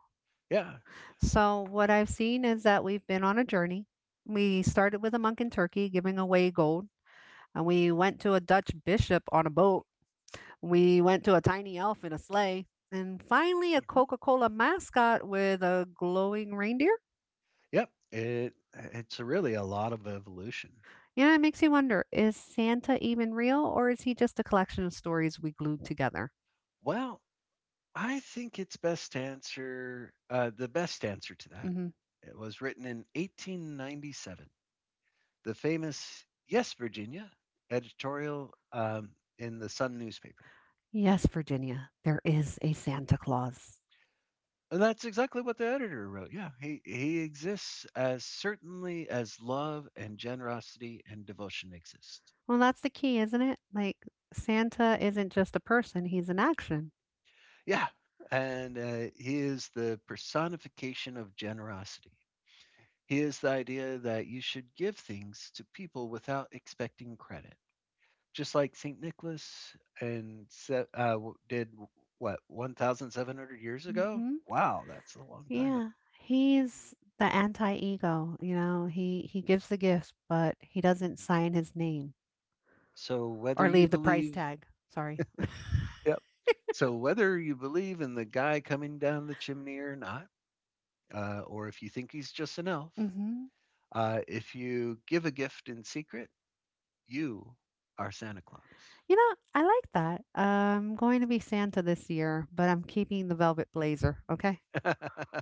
[SPEAKER 2] Yeah.
[SPEAKER 1] So what I've seen is that we've been on a journey. We started with a monk in Turkey giving away gold, and we went to a Dutch bishop on a boat. We went to a tiny elf in a sleigh, and finally a
[SPEAKER 2] Mhm.
[SPEAKER 1] Coca-Cola mascot with a glowing reindeer.
[SPEAKER 2] Yep. It it's really a lot of evolution.
[SPEAKER 1] You know, it makes you wonder, is Santa even real or is he just a collection of stories we glued together?
[SPEAKER 2] Well, I think it's best answer the best answer to that.
[SPEAKER 1] Hmm.
[SPEAKER 2] It was written in 1897. The famous "Yes, Virginia" editorial in the Sun newspaper.
[SPEAKER 1] Yes, Virginia, there is a Santa Claus.
[SPEAKER 2] And that's exactly what the editor wrote. Yeah, he exists as certainly as love and generosity and devotion exist.
[SPEAKER 1] Well, that's the key, isn't it? Like, Santa isn't just a person, he's an action.
[SPEAKER 2] Yeah. And he is the personification of generosity. He is the idea that you should give things to people without expecting credit. Just like St. Nicholas and did what, 1,700 years ago?
[SPEAKER 1] Hmm.
[SPEAKER 2] Wow, that's a long time ago.
[SPEAKER 1] Yeah, he's the anti-ego, you know, he gives the gifts, but he doesn't sign his name
[SPEAKER 2] So
[SPEAKER 1] or
[SPEAKER 2] whether you
[SPEAKER 1] leave the price
[SPEAKER 2] believe,
[SPEAKER 1] tag. Sorry.
[SPEAKER 2] yep. So whether you believe in the guy coming down the chimney or not, or if you think he's just an elf,
[SPEAKER 1] Hmm.
[SPEAKER 2] if you give a gift in secret, you are Santa Claus.
[SPEAKER 1] You know, I like that. I'm going to be Santa this year, but I'm keeping the velvet blazer, okay?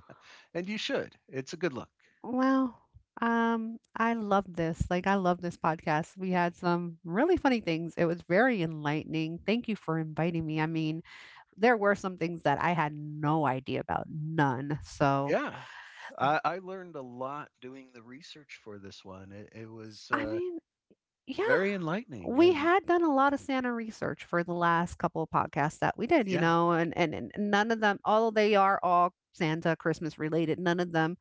[SPEAKER 2] <laughs> And you should. It's a good look.
[SPEAKER 1] Well, I love this. Like, I love this podcast. We had some really funny things. It was very enlightening. Thank you for inviting me. I mean, there were some things that I had no idea about, none. So,
[SPEAKER 2] Yeah. I learned a lot doing the research for this one. It was
[SPEAKER 1] I mean, yeah,
[SPEAKER 2] very enlightening.
[SPEAKER 1] we
[SPEAKER 2] And
[SPEAKER 1] had done a lot of Santa research for the last couple of podcasts that we did, you
[SPEAKER 2] yeah,
[SPEAKER 1] know, and none of them, although they are all Santa Christmas related, none of them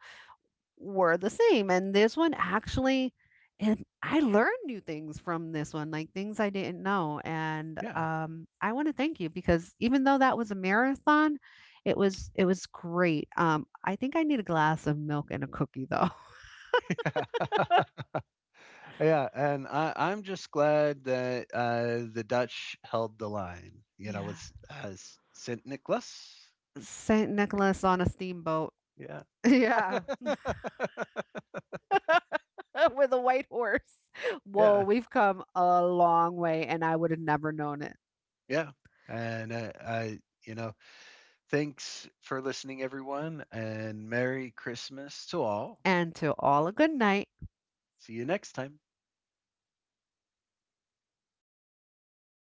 [SPEAKER 1] were the same. And this one actually, and I learned new things from this one, like things I didn't know. And
[SPEAKER 2] yeah.
[SPEAKER 1] I want to thank you because even though that was a marathon, it was great. I think I need a glass of milk and a cookie though.
[SPEAKER 2] <laughs> Yeah. And I, I'm just glad that the Dutch held the line, you know,
[SPEAKER 1] Yeah.
[SPEAKER 2] with as St. Nicholas.
[SPEAKER 1] Saint Nicholas on a steamboat. <laughs>
[SPEAKER 2] Yeah.
[SPEAKER 1] Yeah. <laughs> With a white horse.
[SPEAKER 2] <laughs>
[SPEAKER 1] Whoa,
[SPEAKER 2] Yeah.
[SPEAKER 1] we've come a long way and I would have never known it.
[SPEAKER 2] Yeah. And you know, thanks for listening, everyone, and Merry Christmas to all.
[SPEAKER 1] And to all a good night.
[SPEAKER 2] See you next time.